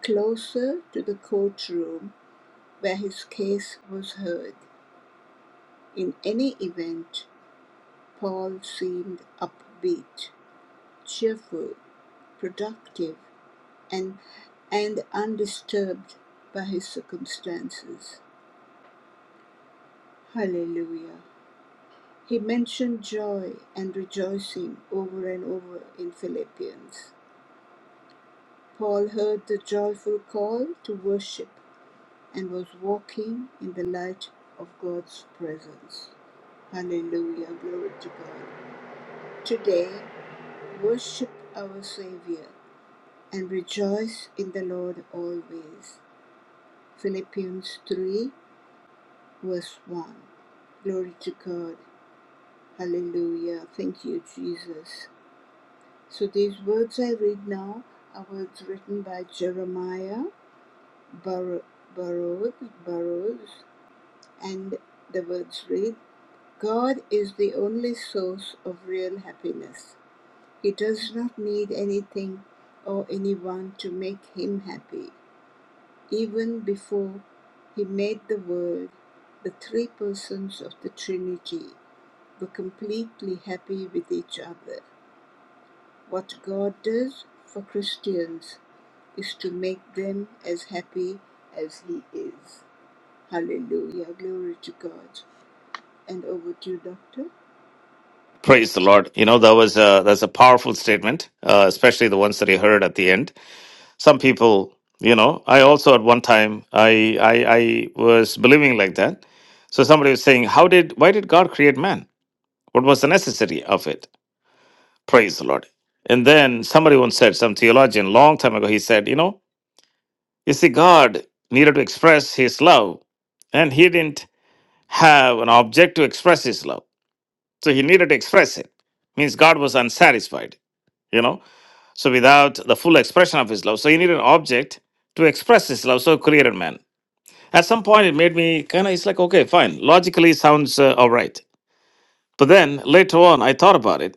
closer to the courtroom where his case was heard. In any event, Paul seemed upbeat, cheerful, productive, and, and undisturbed by his circumstances. Hallelujah. He mentioned joy and rejoicing over and over in Philippians. Paul heard the joyful call to worship and was walking in the light of God's presence. Hallelujah. Glory to God. Today, worship our Savior and rejoice in the Lord always. Philippians 3, verse 1. Glory to God. Hallelujah. Thank you, Jesus. So these words I read now are words written by Jeremiah Bar- Barrows, Barrows, and the words read God is the only source of real happiness. He does not need anything or anyone to make him happy. Even before he made the world, the three persons of the Trinity were completely happy with each other. What God does for Christians is to make them as happy as he is. Hallelujah. Glory to God. And over to you, Doctor.
Praise the Lord. You know that was a, that's a powerful statement, uh, especially the ones that he heard at the end. some people you know i also at one time i i, I was believing like that so somebody was saying how did why did god create man what was the necessity of it praise the lord and then somebody once said some theologian long time ago he said you know you see god needed to express his love and he didn't have an object to express his love so he needed to express it means god was unsatisfied you know so without the full expression of his love so he needed an object to express his love so he created man At some point, it made me kind of, it's like, okay, fine, logically sounds uh, all right. But then later on, I thought about it.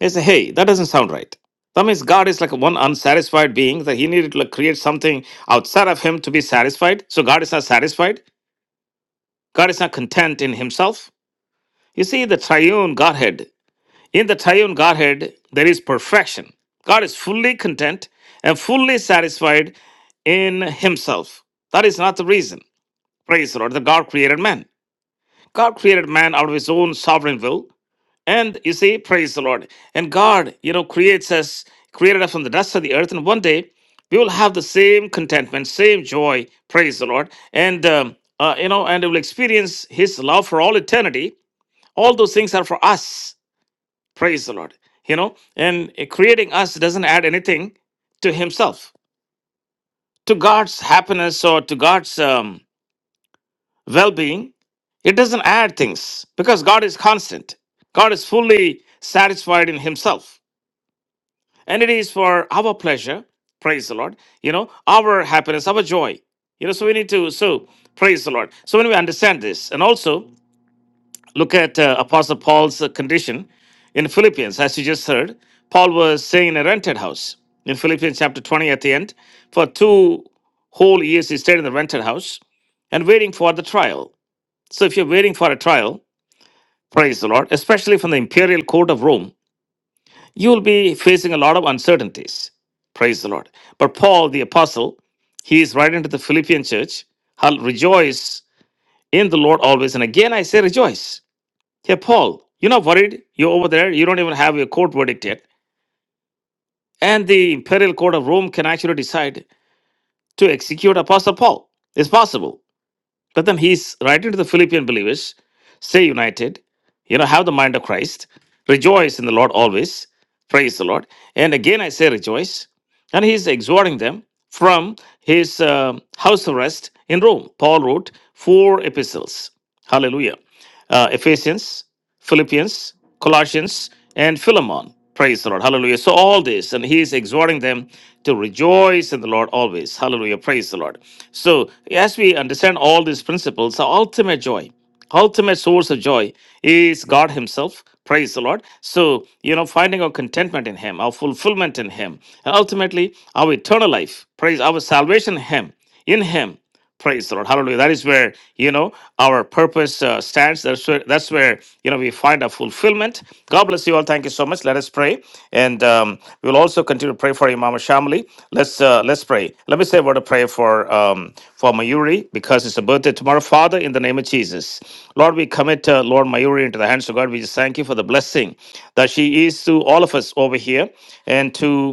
I said, hey, that doesn't sound right. That means God is like one unsatisfied being that he needed to like, create something outside of him to be satisfied. So God is not satisfied. God is not content in himself. You see, the triune Godhead, in the triune Godhead, there is perfection. God is fully content and fully satisfied in himself. That is not the reason, praise the Lord, that God created man. God created man out of his own sovereign will. And you see, praise the Lord. And God, you know, creates us, created us from the dust of the earth. And one day we will have the same contentment, same joy, praise the Lord. And, um, uh, you know, and we will experience his love for all eternity. All those things are for us, praise the Lord. You know, and uh, creating us doesn't add anything to himself, to God's happiness or to God's. Um, well being, it doesn't add things because God is constant. God is fully satisfied in Himself. And it is for our pleasure, praise the Lord, you know, our happiness, our joy. You know, so we need to, so praise the Lord. So when we understand this, and also look at uh, Apostle Paul's uh, condition in Philippians, as you just heard, Paul was staying in a rented house in Philippians chapter 20 at the end. For two whole years, he stayed in the rented house and waiting for the trial. So if you're waiting for a trial, praise the Lord, especially from the imperial court of Rome, you will be facing a lot of uncertainties. Praise the Lord. But Paul the apostle, he is writing to the Philippian church, I'll rejoice in the Lord always. And again I say rejoice. Hey Paul, you're not worried. You're over there. You don't even have your court verdict yet. And the imperial court of Rome can actually decide to execute Apostle Paul. It's possible. But then he's writing to the Philippian believers stay united, you know, have the mind of Christ, rejoice in the Lord always, praise the Lord. And again, I say rejoice. And he's exhorting them from his uh, house arrest in Rome. Paul wrote four epistles. Hallelujah. Uh, Ephesians, Philippians, Colossians, and Philemon. Praise the Lord. Hallelujah. So, all this, and he's exhorting them to rejoice in the Lord always. Hallelujah. Praise the Lord. So, as we understand all these principles, the ultimate joy, ultimate source of joy is God Himself. Praise the Lord. So, you know, finding our contentment in Him, our fulfillment in Him, and ultimately our eternal life. Praise our salvation in Him. In Him. Praise the Lord. Hallelujah. That is where, you know, our purpose uh, stands. That's where, that's where you know we find our fulfillment. God bless you all. Thank you so much. Let us pray, and um, we will also continue to pray for Imam Shamli. Let's uh, let's pray. Let me say a word of prayer for um, for Mayuri because it's a birthday tomorrow. Father, in the name of Jesus, Lord, we commit uh, Lord Mayuri into the hands of God. We just thank you for the blessing that she is to all of us over here, and to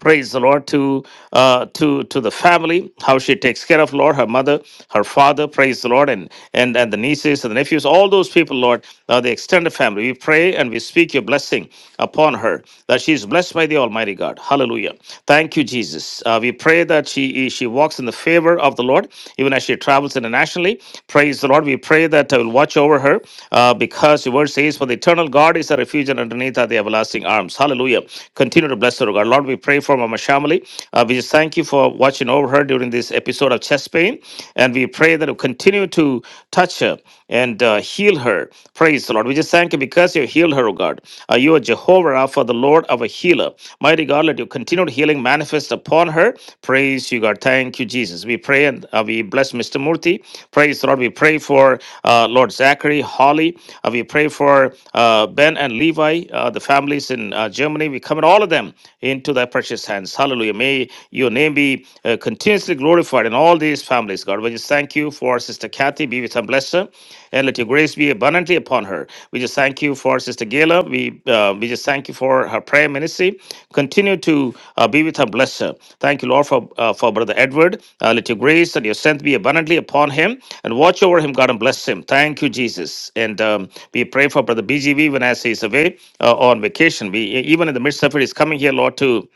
praise the lord to uh to to the family how she takes care of lord her mother her father praise the lord and and and the nieces and the nephews all those people lord uh, the extended family we pray and we speak your blessing upon her that she is blessed by the almighty god hallelujah thank you jesus uh, we pray that she she walks in the favor of the lord even as she travels internationally praise the lord we pray that i will watch over her uh, because your word says for the eternal god is a refuge and underneath are the everlasting arms hallelujah continue to bless her O god lord we pray pray for Mama Shamali. Uh, we just thank you for watching over her during this episode of chest pain. And we pray that you continue to touch her and uh, heal her. Praise the Lord. We just thank you because you healed her, O God. Uh, you are Jehovah Rapha, the Lord of a healer. Mighty God, let your continued healing manifest upon her. Praise you, God. Thank you, Jesus. We pray and uh, we bless Mr. Murthy. Praise the Lord. We pray for uh, Lord Zachary, Holly. Uh, we pray for uh, Ben and Levi, uh, the families in uh, Germany. We commit all of them into the thy precious hands. Hallelujah. May your name be uh, continuously glorified in all these families, God. We just thank you for Sister Kathy. Be with her, bless her, and let your grace be abundantly upon her. We just thank you for Sister Gayla. We, uh, we just thank you for her prayer ministry. Continue to uh, be with her, bless her. Thank you, Lord, for, uh, for Brother Edward. Uh, let your grace and your strength be abundantly upon him and watch over him, God, and bless him. Thank you, Jesus. And um, we pray for Brother BGV when as he's away uh, on vacation. We Even in the midst of it, he's coming here, Lord, to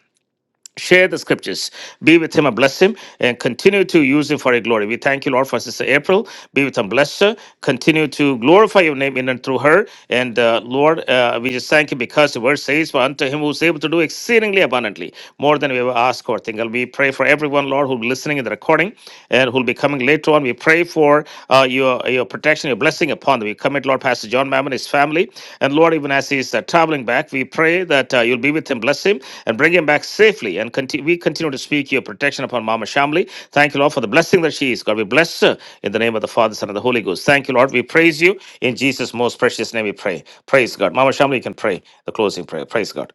share the scriptures. Be with him and bless him and continue to use him for your glory. We thank you, Lord, for Sister April. Be with him, bless her. Continue to glorify your name in and through her. And uh, Lord, uh, we just thank you because the word says, For unto him who is able to do exceedingly abundantly, more than we ever ask or think. And we pray for everyone, Lord, who'll be listening in the recording and who'll be coming later on. We pray for uh, your, your protection, your blessing upon them. We commit, Lord, Pastor John Mammon, his family. And Lord, even as he's uh, traveling back, we pray that uh, you'll be with him, bless him and bring him back safely. And conti- we continue to speak your protection upon Mama Shamli. Thank you, Lord, for the blessing that she is. God, we bless her in the name of the Father, Son, and the Holy Ghost. Thank you, Lord. We praise you. In Jesus' most precious name we pray. Praise God. Mama Shamli, you can pray the closing prayer. Praise God.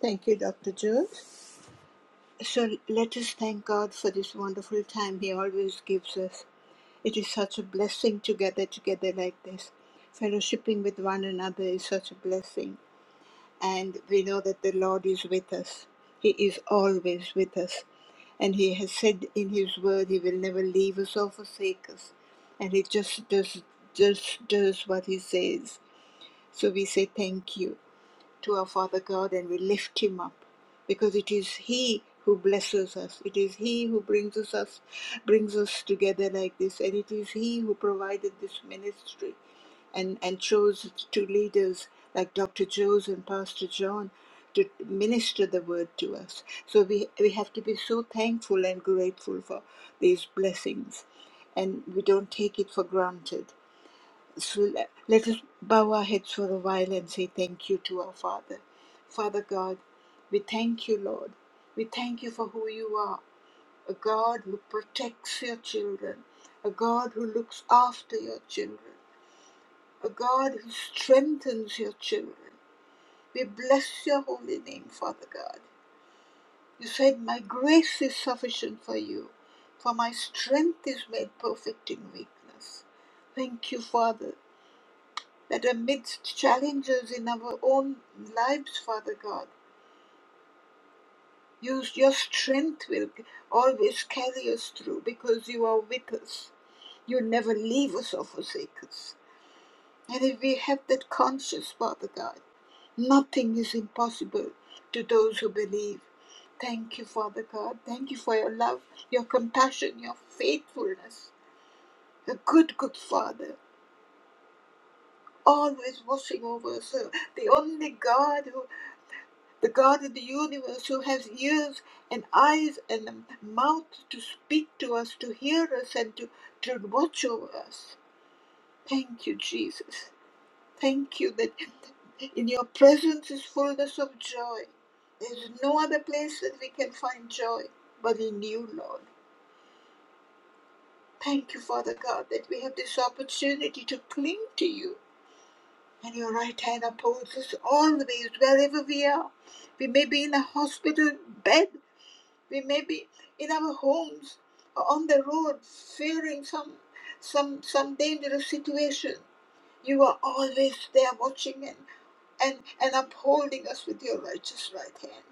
Thank you, Dr. Jones. So let us thank God for this wonderful time He always gives us. It is such a blessing to gather together like this. Fellowshipping with one another is such a blessing. And we know that the Lord is with us. He is always with us. And He has said in His word, He will never leave us or forsake us. And He just does, just does what He says. So we say thank you to our Father God and we lift Him up because it is He who blesses us. It is He who brings us, us brings us together like this, and it is He who provided this ministry and, and chose two leaders like Dr. Jones and Pastor John to minister the word to us. So we, we have to be so thankful and grateful for these blessings, and we don't take it for granted. So le- let us bow our heads for a while and say thank you to our Father. Father God, we thank you, Lord. We thank you for who you are a God who protects your children, a God who looks after your children, a God who strengthens your children. We bless your holy name, Father God. You said, My grace is sufficient for you, for my strength is made perfect in weakness. Thank you, Father, that amidst challenges in our own lives, Father God, use your strength will always carry us through because you are with us. You never leave us or forsake us. And if we have that conscience, Father God, nothing is impossible to those who believe. Thank you, Father God. Thank you for your love, your compassion, your faithfulness. A good, good Father, always watching over us. The only God who. the God of the universe who has ears and eyes and a mouth to speak to us, to hear us, and to, to watch over us. Thank you, Jesus. Thank you that in your presence is fullness of joy. There's no other place that we can find joy but in you, Lord. Thank you, Father God, that we have this opportunity to cling to you. And your right hand upholds us always, wherever we are. We may be in a hospital bed We may be in our homes or on the road fearing some some some dangerous situation. You are always there watching and, and, and upholding us with your righteous right hand.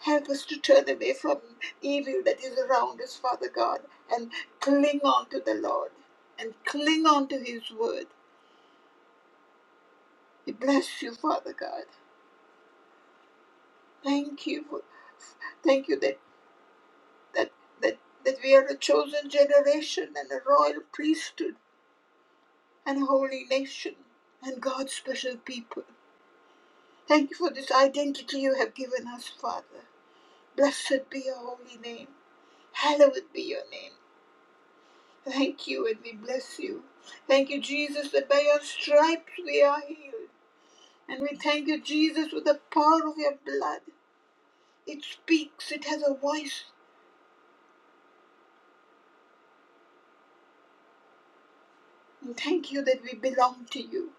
Help us to turn away from evil that is around us, Father God, and cling on to the Lord and cling on to his word. We bless you, Father God. Thank you for thank you that that that, that we are a chosen generation and a royal priesthood and holy nation and God's special people. Thank you for this identity you have given us, Father. Blessed be your holy name. Hallowed be your name. Thank you and we bless you. Thank you, Jesus, that by your stripes we are healed. And we thank you, Jesus, for the power of your blood. It speaks, it has a voice. And thank you that we belong to you.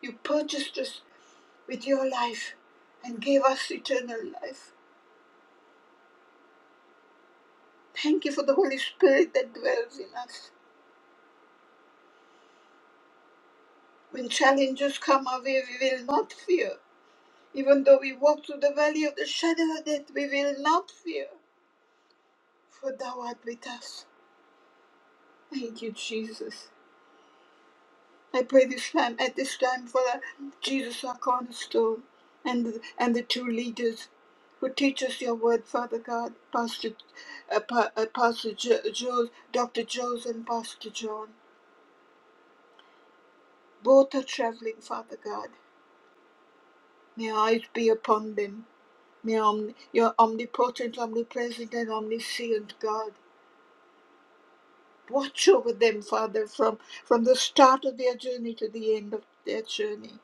You purchased us with your life and gave us eternal life. Thank you for the Holy Spirit that dwells in us. When challenges come our way, we will not fear. Even though we walk through the valley of the shadow of death, we will not fear, for thou art with us. Thank you, Jesus. I pray this time at this time for our- Jesus, our cornerstone, and and the two leaders who teach us your word, Father God, Pastor, uh, Pa- uh, Pastor jo, jo, Dr. Joes and Pastor John. Both are traveling, Father God. May our eyes be upon them May om- your omnipotent, omnipresent, and omniscient God watch over them, Father, from, from the start of their journey to the end of their journey.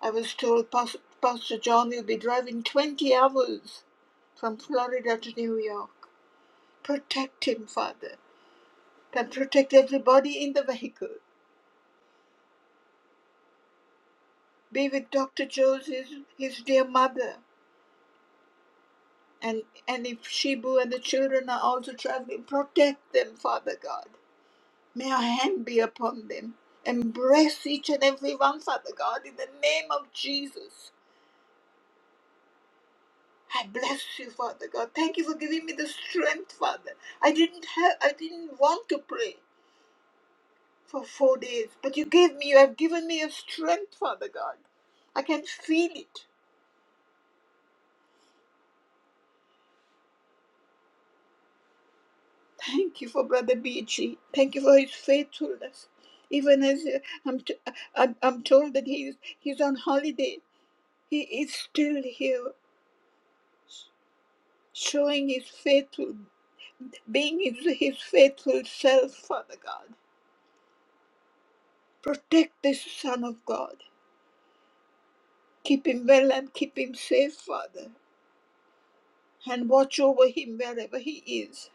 I was told Pas- Pastor John will be driving 20 hours from Florida to New York. Protect him, Father, and protect everybody in the vehicle. Be with Dr. Jones, his, his dear mother, and, and if Shibu and the children are also traveling, protect them, Father God May your hand be upon them. Embrace each and every one, Father God, in the name of Jesus. I bless you, Father God. Thank you for giving me the strength, Father. I didn't have I didn't want to pray for four days, but you gave me, you have given me a strength, Father God. I can feel it. Thank you for Brother BG. Thank you for his faithfulness. Even as uh, I'm, t- uh, I'm I'm told that he's, he's on holiday, he is still here showing his faithfulness being his, his faithful self, Father God. Protect this Son of God. Keep him well and keep him safe, Father, and watch over him wherever he is.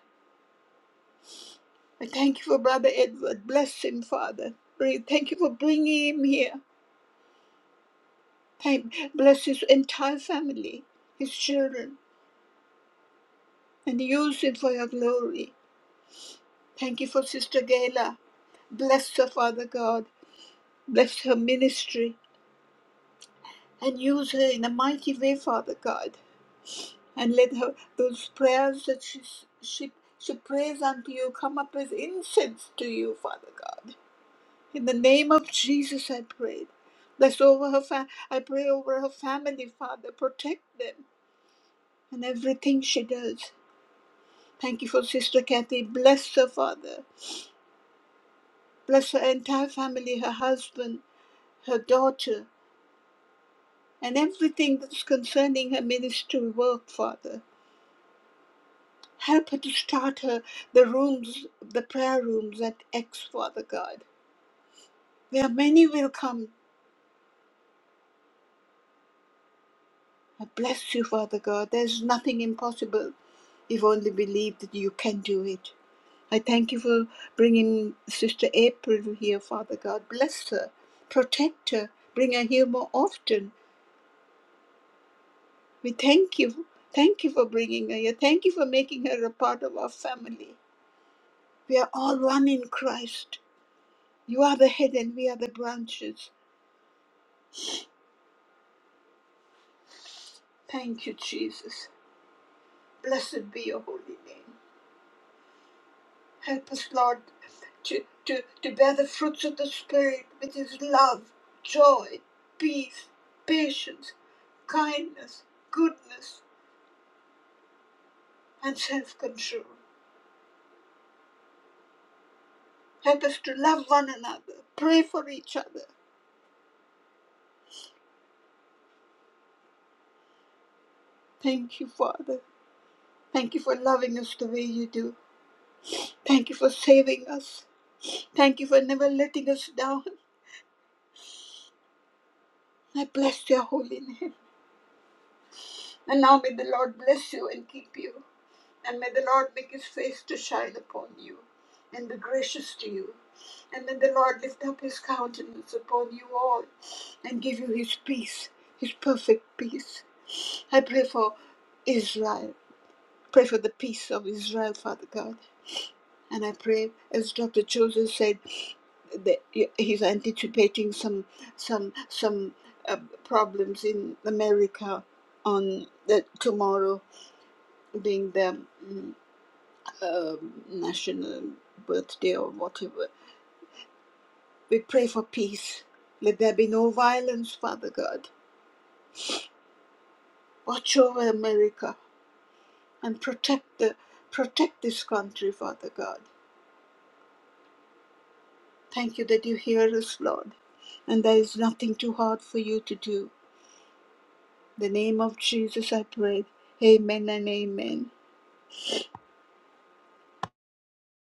I thank you for Brother Edward. Bless him, Father. Breathe- Thank you for bringing him here. Thank, bless his entire family, his children, and use him for your glory. Thank you for Sister Gayla. Bless her, Father God. Bless her ministry and use her in a mighty way, Father God. and let her those prayers that she she she prays unto you come up as incense to you, Father God. In the name of Jesus, I pray. Bless over her. Fa- I pray over her family, Father. Protect them and everything she does. Thank you for Sister Kathy. Bless her, Father. Bless her entire family, her husband, her daughter, and everything that's concerning her ministry work, Father. Help her to starter the rooms, the prayer rooms at X, Father God, where many will come. I bless you, Father God. There's nothing impossible if only believe that you can do it. I thank you for bringing Sister April here, Father God. Bless her, protect her, bring her here more often. We thank you. Thank you for bringing her here. Thank you for making her a part of our family. We are all one in Christ. You are the head and we are the branches. Thank you, Jesus. Blessed be your holy name. Help us, Lord, to, to, to bear the fruits of the Spirit, which is love, joy, peace, patience, kindness, goodness, and self control. Help us to love one another, pray for each other. Thank you, Father. Thank you for loving us the way you do. Thank you for saving us. Thank you for never letting us down. I bless your holy name. And now may the Lord bless you and keep you. And may the Lord make his face to shine upon you and be gracious to you. And may the Lord lift up his countenance upon you all and give you his peace, his perfect peace. I pray for Israel. Pray for the peace of Israel, Father God. And I pray, as Dr. Joseph said, that he's anticipating some some some uh, problems in America on the tomorrow being the mm, um, national birthday or whatever. We pray for peace. Let there be no violence, Father God. Watch over America and protect the protect this country, Father God. Thank you that you hear us, Lord, and there is nothing too hard for you to do. In the name of Jesus, I pray. Amen and amen.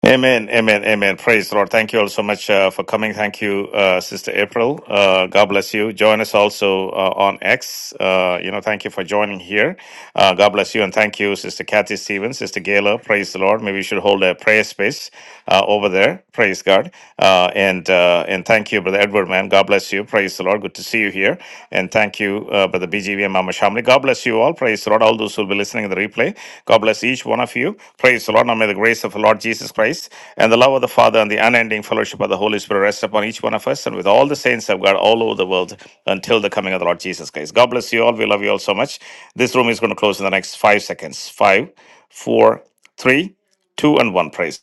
Amen, amen, amen. Praise the Lord. Thank you all so much uh, for coming. Thank you, uh, Sister April. Uh, God bless you. Join us also uh, on X. Uh, you know, thank you for joining here. Uh, God bless you, and thank you, Sister Kathy Stevens, Sister Gayla. Praise the Lord. Maybe we should hold a prayer space uh, over there. Praise God. Uh, and uh, and thank you, Brother Edward. Man, God bless you. Praise the Lord. Good to see you here. And thank you, uh, Brother BGV and Mama Shamli. God bless you all. Praise the Lord. All those who will be listening to the replay. God bless each one of you. Praise the Lord. Now may the grace of the Lord Jesus Christ and the love of the Father and the unending fellowship of the Holy Spirit rest upon each one of us and with all the saints of God all over the world until the coming of the Lord Jesus Christ. God bless you all. We love you all so much. This room is going to close in the next five seconds. Five, four, three, two, and one. Praise.